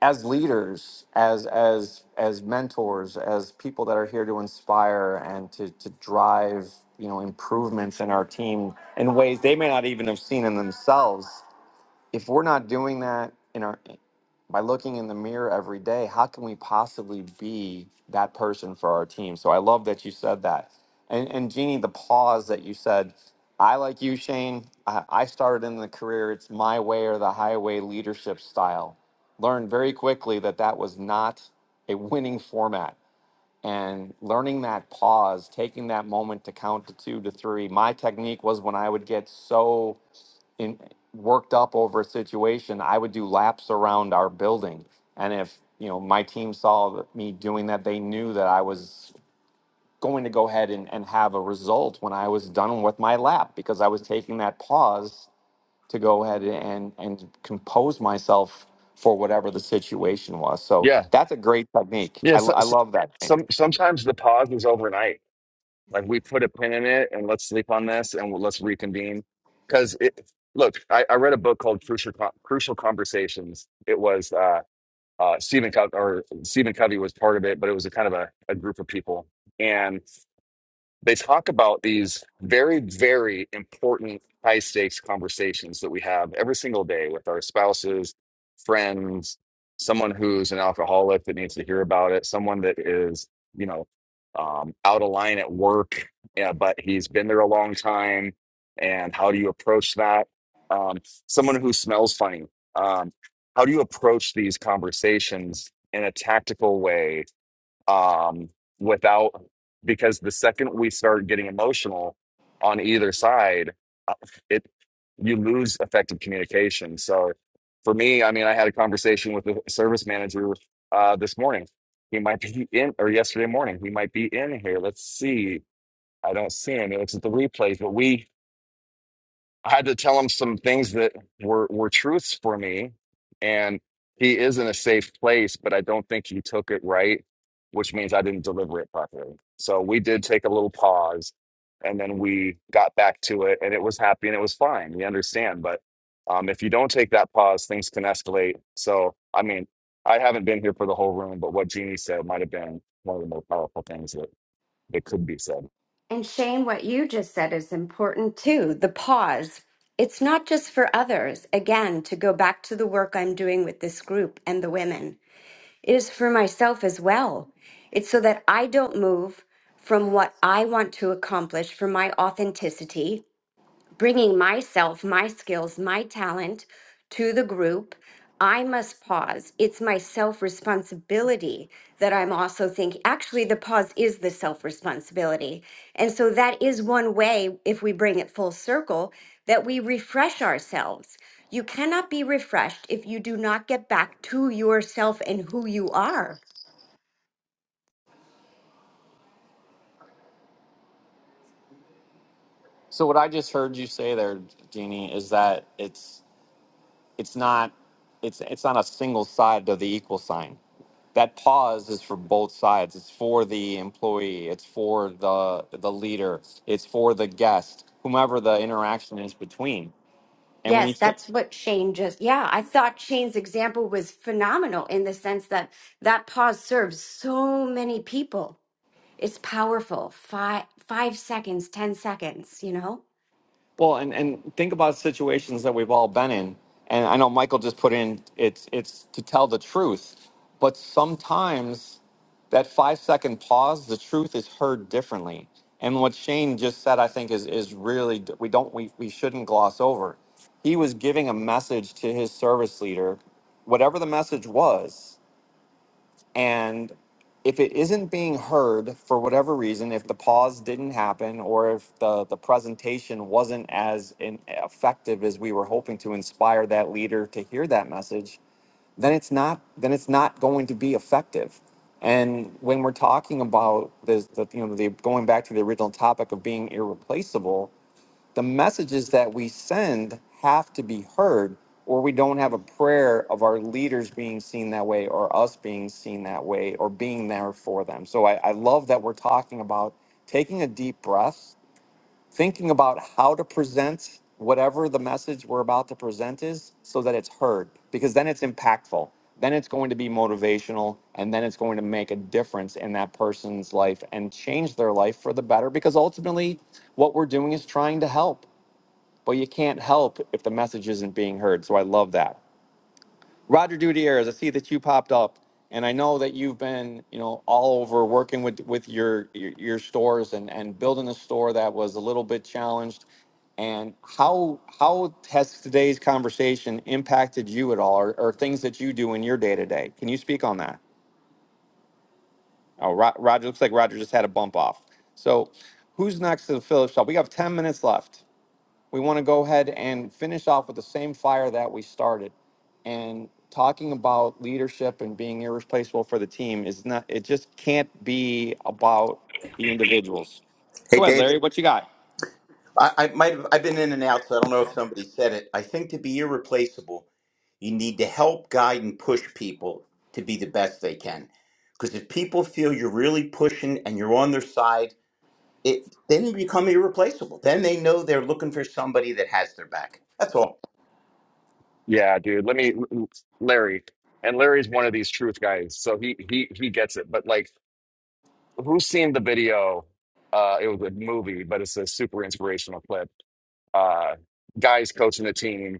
Speaker 1: as leaders as as as mentors as people that are here to inspire and to to drive you know improvements in our team in ways they may not even have seen in themselves if we're not doing that in our by looking in the mirror every day, how can we possibly be that person for our team? So I love that you said that. And and Jeannie, the pause that you said, I like you, Shane. I, I started in the career. It's my way or the highway leadership style. Learned very quickly that that was not a winning format and learning that pause, taking that moment to count to two to three. My technique was when I would get so in, worked up over a situation, I would do laps around our building. And if you know my team saw that- me doing that, they knew that I was going to go ahead and, and have a result when I was done with my lap because I was taking that pause to go ahead and and compose myself for whatever the situation was. So
Speaker 19: Yeah,
Speaker 1: that's a great technique.
Speaker 19: yeah.
Speaker 1: I, lo-
Speaker 19: So,
Speaker 1: I
Speaker 19: so,
Speaker 1: love that.
Speaker 19: some sometimes the pause is overnight. Like we put a pin in it and let's sleep on this and let's reconvene because it. Look, I, I read a book called Crucial Con- Crucial Conversations. It was. uh, Uh, Stephen Covey, or Stephen Covey was part of it, but it was a kind of a, a group of people. And they talk about these very, very important high stakes conversations that we have every single day with our spouses, friends, someone who's an alcoholic that needs to hear about it, someone that is, you know, um, out of line at work, yeah, but he's been there a long time. And how do you approach that? Um, someone who smells funny. Um, how do you approach these conversations in a tactical way? um, without because the second we start getting emotional on either side, uh, it you lose effective communication. So for me, I mean, I had a conversation with the service manager uh, this morning. He might be in, or yesterday morning, he might be in here. Let's see. I don't see him. He looks at the replays, but we I had to tell him some things that were were truths for me, and he is in a safe place, but I don't think he took it right, which means I didn't deliver it properly. So we did take a little pause, and then we got back to it, and it was happy and it was fine. We understand, but um, if you don't take that pause, things can escalate. So I mean, I haven't been here for the whole room, but what Jeannie said might have been one of the more powerful things that that could be said.
Speaker 18: And Shane, what you just said is important too the pause. It's not just for others, again, to go back to the work I'm doing with this group and the women, it is for myself as well. It's so that I don't move from what I want to accomplish for my authenticity bringing myself, my skills, my talent to the group, I must pause. It's my self responsibility that I'm also thinking. Actually, the pause is the self responsibility. And so that is one way, if we bring it full circle, that we refresh ourselves. You cannot be refreshed if you do not get back to yourself and who you are
Speaker 1: So what I just heard you say there, Jeannie, is that it's it's not it's it's not a single side of the equal sign. That pause is for both sides. It's for the employee. It's for the the leader. It's for the guest, whomever the interaction is between. And when you
Speaker 18: Yes,
Speaker 1: start.
Speaker 18: that's what Shane just, yeah, I thought Shane's example was phenomenal in the sense that that pause serves so many people. It's powerful. Five, five seconds, 10 seconds, you know?
Speaker 1: Well, and, and think about situations that we've all been in. And I know Michael just put in it's it's to tell the truth, but sometimes that five second pause, the truth is heard differently. And what Shane just said, I think, is is really we don't we, we shouldn't gloss over. He was giving a message to his service leader, whatever the message was, and if it isn't being heard for whatever reason, if the pause didn't happen or if the, the presentation wasn't as in, effective as we were hoping to inspire that leader to hear that message, then it's not then it's not going to be effective. And when we're talking about this, the, you know, the going back to the original topic of being irreplaceable, the messages that we send have to be heard or we don't have a prayer of our leaders being seen that way or us being seen that way or being there for them so i, I love that we're talking about taking a deep breath thinking about how to present whatever the message we're about to present is so that it's heard because then it's impactful then it's going to be motivational and then it's going to make a difference in that person's life and change their life for the better because ultimately what we're doing is trying to help but you can't help if the message isn't being heard. So I love that. Roger Gutierrez, I see that you popped up, and I know that you've been, you know, all over working with with your your, your stores and and building a store that was a little bit challenged. And how how has today's conversation impacted you at all, or, or things that you do in your day to day? Can you speak on that? Oh, Ro- Roger looks like Roger just had a bump off. So, who's next to the Phillips shop? We have ten minutes left we want to go ahead and finish off with the same fire that we started and talking about leadership and being irreplaceable for the team is not it just can't be about the individuals
Speaker 20: Hey,
Speaker 1: go ahead
Speaker 20: David.
Speaker 1: larry what you got
Speaker 20: I, I might have I've been in and out, so I don't know if somebody said it. I think to be irreplaceable, you need to help guide and push people to be the best they can. Because if people feel you're really pushing and you're on their side, it then you become irreplaceable. Then they know they're looking for somebody that has their back. That's all.
Speaker 19: Yeah, dude. Let me, Larry, and Larry's one of these truth guys, so he he he gets it. But like, who's seen the video? Uh, it was a movie, but it's a super inspirational clip. Uh, guys coaching the team,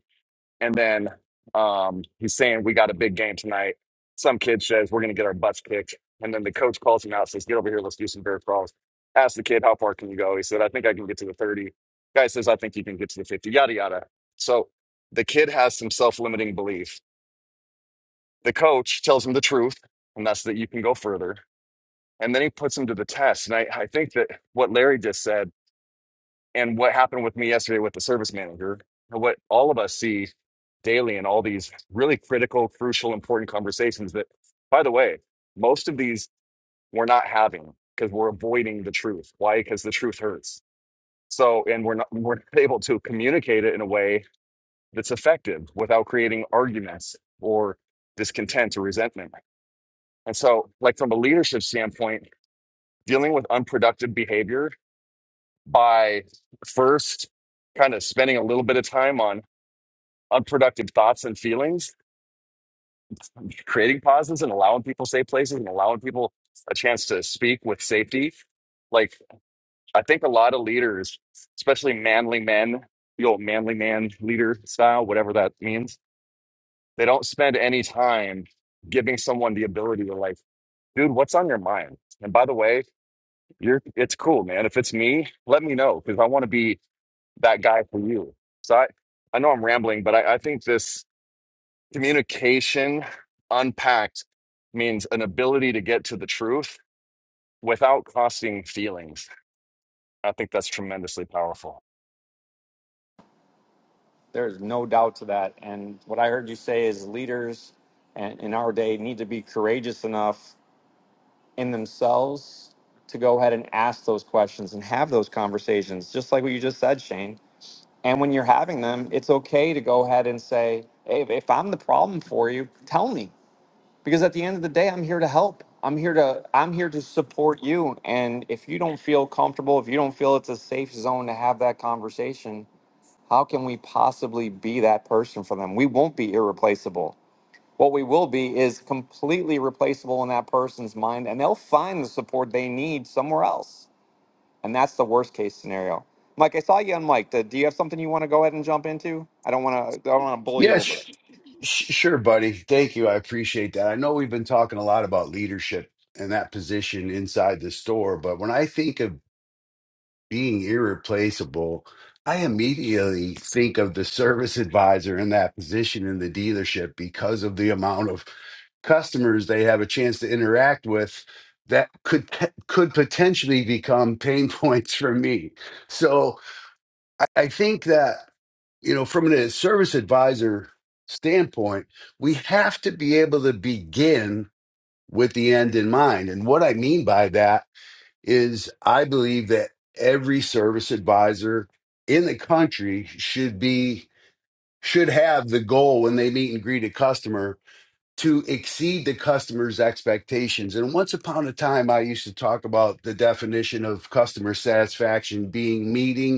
Speaker 19: and then um, he's saying we got a big game tonight. Some kid says we're gonna get our butts kicked, and then the coach calls him out, says get over here, let's do some bear crawls. Ask the kid how far can you go. He said I think I can get to the thirty." Guy says I think you can get to the fifty." Yada yada. So the kid has some self-limiting belief the coach tells him the truth, and that's that you can go further. And then he puts him to the test. And I, I think that what Larry just said and what happened with me yesterday with the service manager, and what all of us see daily in all these really critical, crucial, important conversations that, by the way, most of these we're not having because we're avoiding the truth. Why? Because the truth hurts. So, and we're not, [laughs] we're not able to communicate it in a way that's effective without creating arguments or discontent or resentment. And so, like from a leadership standpoint, dealing with unproductive behavior by first kind of spending a little bit of time on unproductive thoughts and feelings, creating pauses and allowing people safe places and allowing people a chance to speak with safety. Like I think a lot of leaders, especially manly men, the old manly man leader style, whatever that means, they don't spend any time giving someone the ability to like, dude, what's on your mind? And by the way, You're it's cool, man. If it's me, let me know because I want to be that guy for you. So I, I know I'm rambling, but I, I think this communication unpacked means an ability to get to the truth without costing feelings. I think that's tremendously powerful.
Speaker 1: there's no doubt to that and what i heard you say is leaders and in our day need to be courageous enough in themselves to go ahead and ask those questions and have those conversations just like what you just said shane And when you're having them, it's okay to go ahead and say, hey, if if I'm the problem for you, tell me. Because at the end of the day, I'm here to help. I'm here to I'm here to support you. And if you don't feel comfortable, if you don't feel it's a safe zone to have that conversation, how can we possibly be that person for them? We won't be irreplaceable. What we will be is completely replaceable in that person's mind, and they'll find the support they need somewhere else. And that's the worst case scenario. Mike, I saw you on Mike. Do you have something you want to go ahead and jump into? I don't want to. I don't want to bully
Speaker 9: Yes,
Speaker 1: over. it.
Speaker 9: sh- sh- sure, buddy. Thank you. I appreciate that. I know we've been talking a lot about leadership and that position inside the store, but when I think of being irreplaceable, I immediately think of the service advisor in that position in the dealership because of the amount of customers they have a chance to interact with that could could potentially become pain [laughs] points for me. So I, I think that you know from a service advisor standpoint, we have to be able to begin with the end in mind. And what I mean by that is I believe that every service advisor in the country should be should have the goal when they meet and greet a customer to exceed the customer's expectations. And once upon a time I used to talk about the definition of customer satisfaction being meeting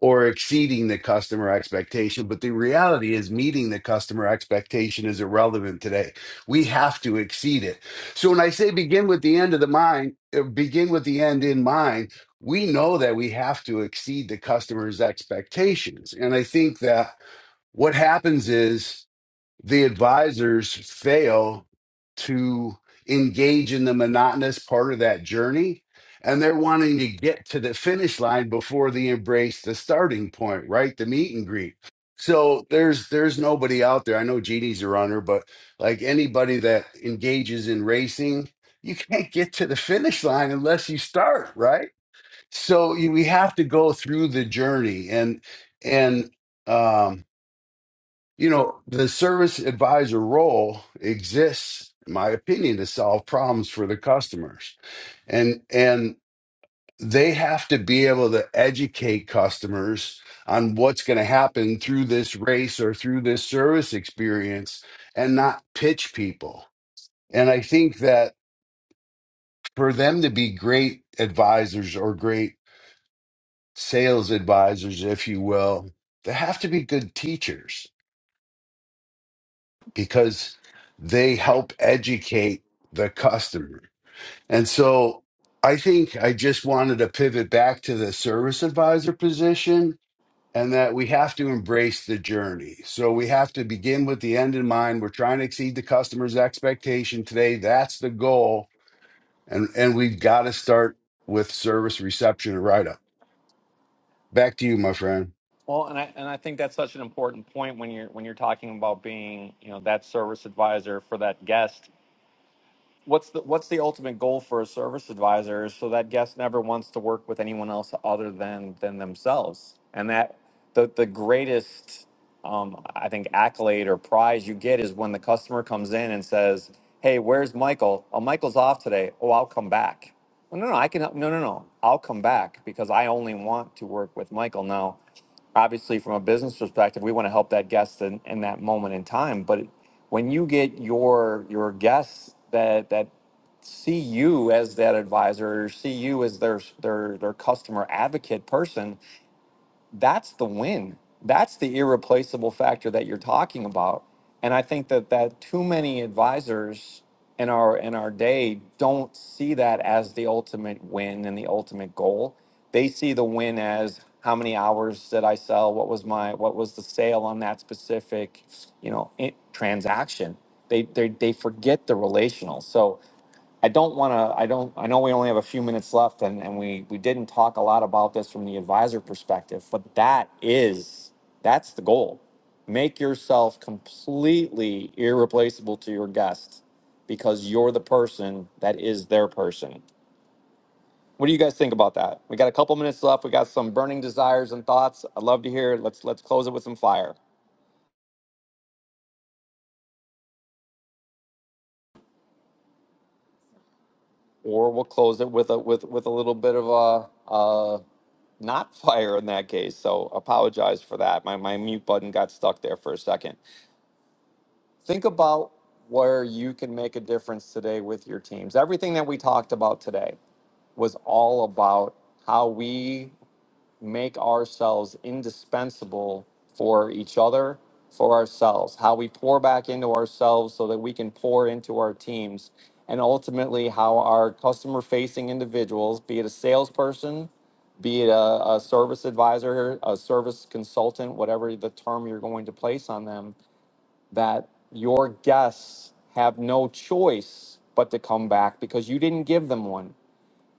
Speaker 9: or exceeding the customer expectation. But the reality is, meeting the customer expectation is irrelevant today. We have to exceed it. So when I say begin with the end of the mind, uh, begin with the end in mind, we know that we have to exceed the customer's expectations. And I think that what happens is, the advisors fail to engage in the monotonous part of that journey and they're wanting to get to the finish line before they embrace the starting point right the meet and greet so there's there's nobody out there i know jeannie's a runner but like anybody that engages in racing you can't get to the finish line unless you start right so you, we have to go through the journey and and um you know, the service advisor role exists, in my opinion, to solve problems for the customers. And and they have to be able to educate customers on what's going to happen through this race or through this service experience and not pitch people. And I think that for them to be great advisors or great sales advisors, if you will, they have to be good teachers because they help educate the customer. And so I think I just wanted to pivot back to the service advisor position and that we have to embrace the journey. So we have to begin with the end in mind. We're trying to exceed the customer's expectation today. That's the goal. And and we've got to start with service reception and write up. Back to you, my friend.
Speaker 1: Well, and I and I think that's such an important point when you're when you're talking about being you know that service advisor for that guest. What's the what's the ultimate goal for a service advisor? Is so that guest never wants to work with anyone else other than than themselves, and that the the greatest um, I think accolade or prize you get is when the customer comes in and says, "Hey, where's Michael? Oh, Michael's off today. Oh, I'll come back." Well, no, no, I can. help- No, no, no, I'll come back because I only want to work with Michael now. Obviously, from a business perspective, we want to help that guest in, in that moment in time. But when you get your your guests that that see you as that advisor, or see you as their their their customer advocate person, that's the win. That's the irreplaceable factor that you're talking about. And I think that that too many advisors in our in our day don't see that as the ultimate win and the ultimate goal. They see the win as how many hours did I sell? What was my what was the sale on that specific, you know, i- transaction? They they they forget the relational. So I don't want to, I don't, I know we only have a few minutes left and, and we, we didn't talk a lot about this from the advisor perspective, but that is, that's the goal. Make yourself completely irreplaceable to your guest because you're the person that is their person. What do you guys think about that? We got a couple minutes left. We got some burning desires and thoughts. I'd love to hear. it. Let's let's close it with some fire, or we'll close it with a with with a little bit of a uh, not [laughs] fire in that case. So apologize for that. My, my mute button got stuck there for a second. Think about where you can make a difference today with your teams. Everything that we talked about today was all about how we make ourselves indispensable for each other, for ourselves, how we pour back into ourselves so that we can pour into our teams, and ultimately how our customer facing individuals, be it a salesperson, be it a, a service advisor, a service consultant, whatever the term you're going to place on them, that your guests have no choice but to come back because you didn't give them one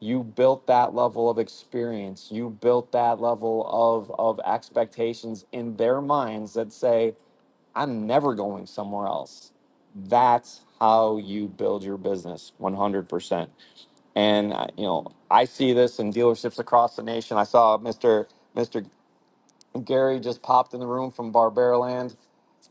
Speaker 1: you built that level of experience you built that level of of expectations in their minds that say i'm never going somewhere else that's how you build your business 100% and I- you know i see this in dealerships across the nation i saw mr mr Gary just popped in the room from Barbaraland.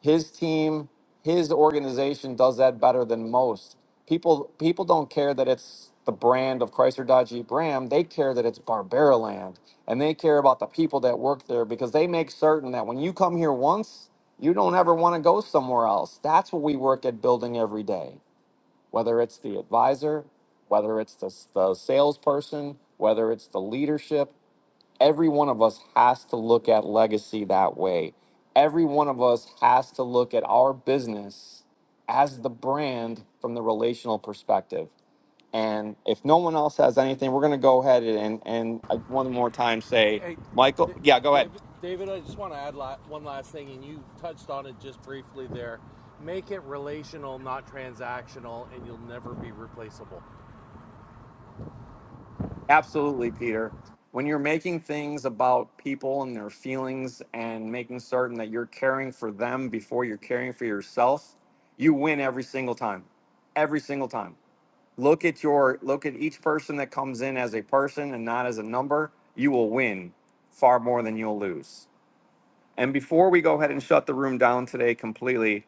Speaker 1: His team, his organization does that better than most. People people don't care that it's the brand of Chrysler Dodge Jeep Ram. They care that it's Barbaraland and they care about the people that work there because they make certain that when you come here once, you don't ever want to go somewhere else. That's what we work at building every day. Whether it's the advisor, whether it's the, the salesperson, whether it's the leadership, every one of us has to look at legacy that way. Every one of us has to look at our business as the brand from the relational perspective. And if no one else has anything, we're going to go ahead and, and uh, one more time say,
Speaker 2: hey
Speaker 1: Michael, yeah, go ahead.
Speaker 2: david david i just want to add one last thing and you touched on it just briefly there make it relational not transactional and you'll never be replaceable
Speaker 1: Absolutely, Peter. When you're making things about people and their feelings and making certain that you're caring for them before you're caring for yourself, you win every single time. Every single time look at your look at each person that comes in as a person and not as a number you will win far more than you'll lose and before we go ahead and shut the room down today completely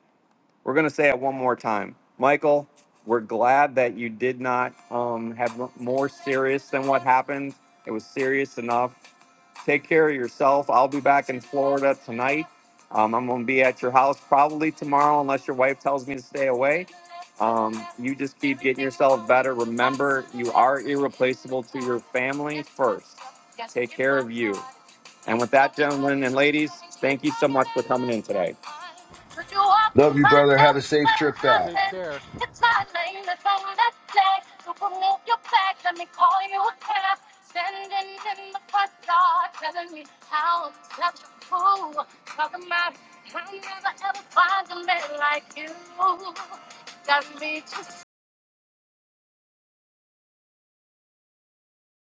Speaker 1: we're going to say it one more time michael we're glad that you did not um, have m- more serious than what happened it was serious enough Take care of yourself. I'll be back in Florida tonight. Um, I'm going to be at your house probably tomorrow, unless your wife tells me to stay away. Um, you just keep getting yourself better. Remember, you are irreplaceable to your family first. Take care of you. And with that, gentlemen and ladies, thank you so much for coming in today. Would you walk
Speaker 9: Love you,
Speaker 1: right
Speaker 9: brother. Have
Speaker 1: up
Speaker 9: a safe
Speaker 1: and
Speaker 9: trip
Speaker 2: take
Speaker 9: back.
Speaker 1: something?
Speaker 2: care
Speaker 1: It's my name that's on that flag. So put me on your back, let me call you a cab. Standing in the front yard, telling me how I'm such a fool. Talking about how never ever find a man like you. Got me twisted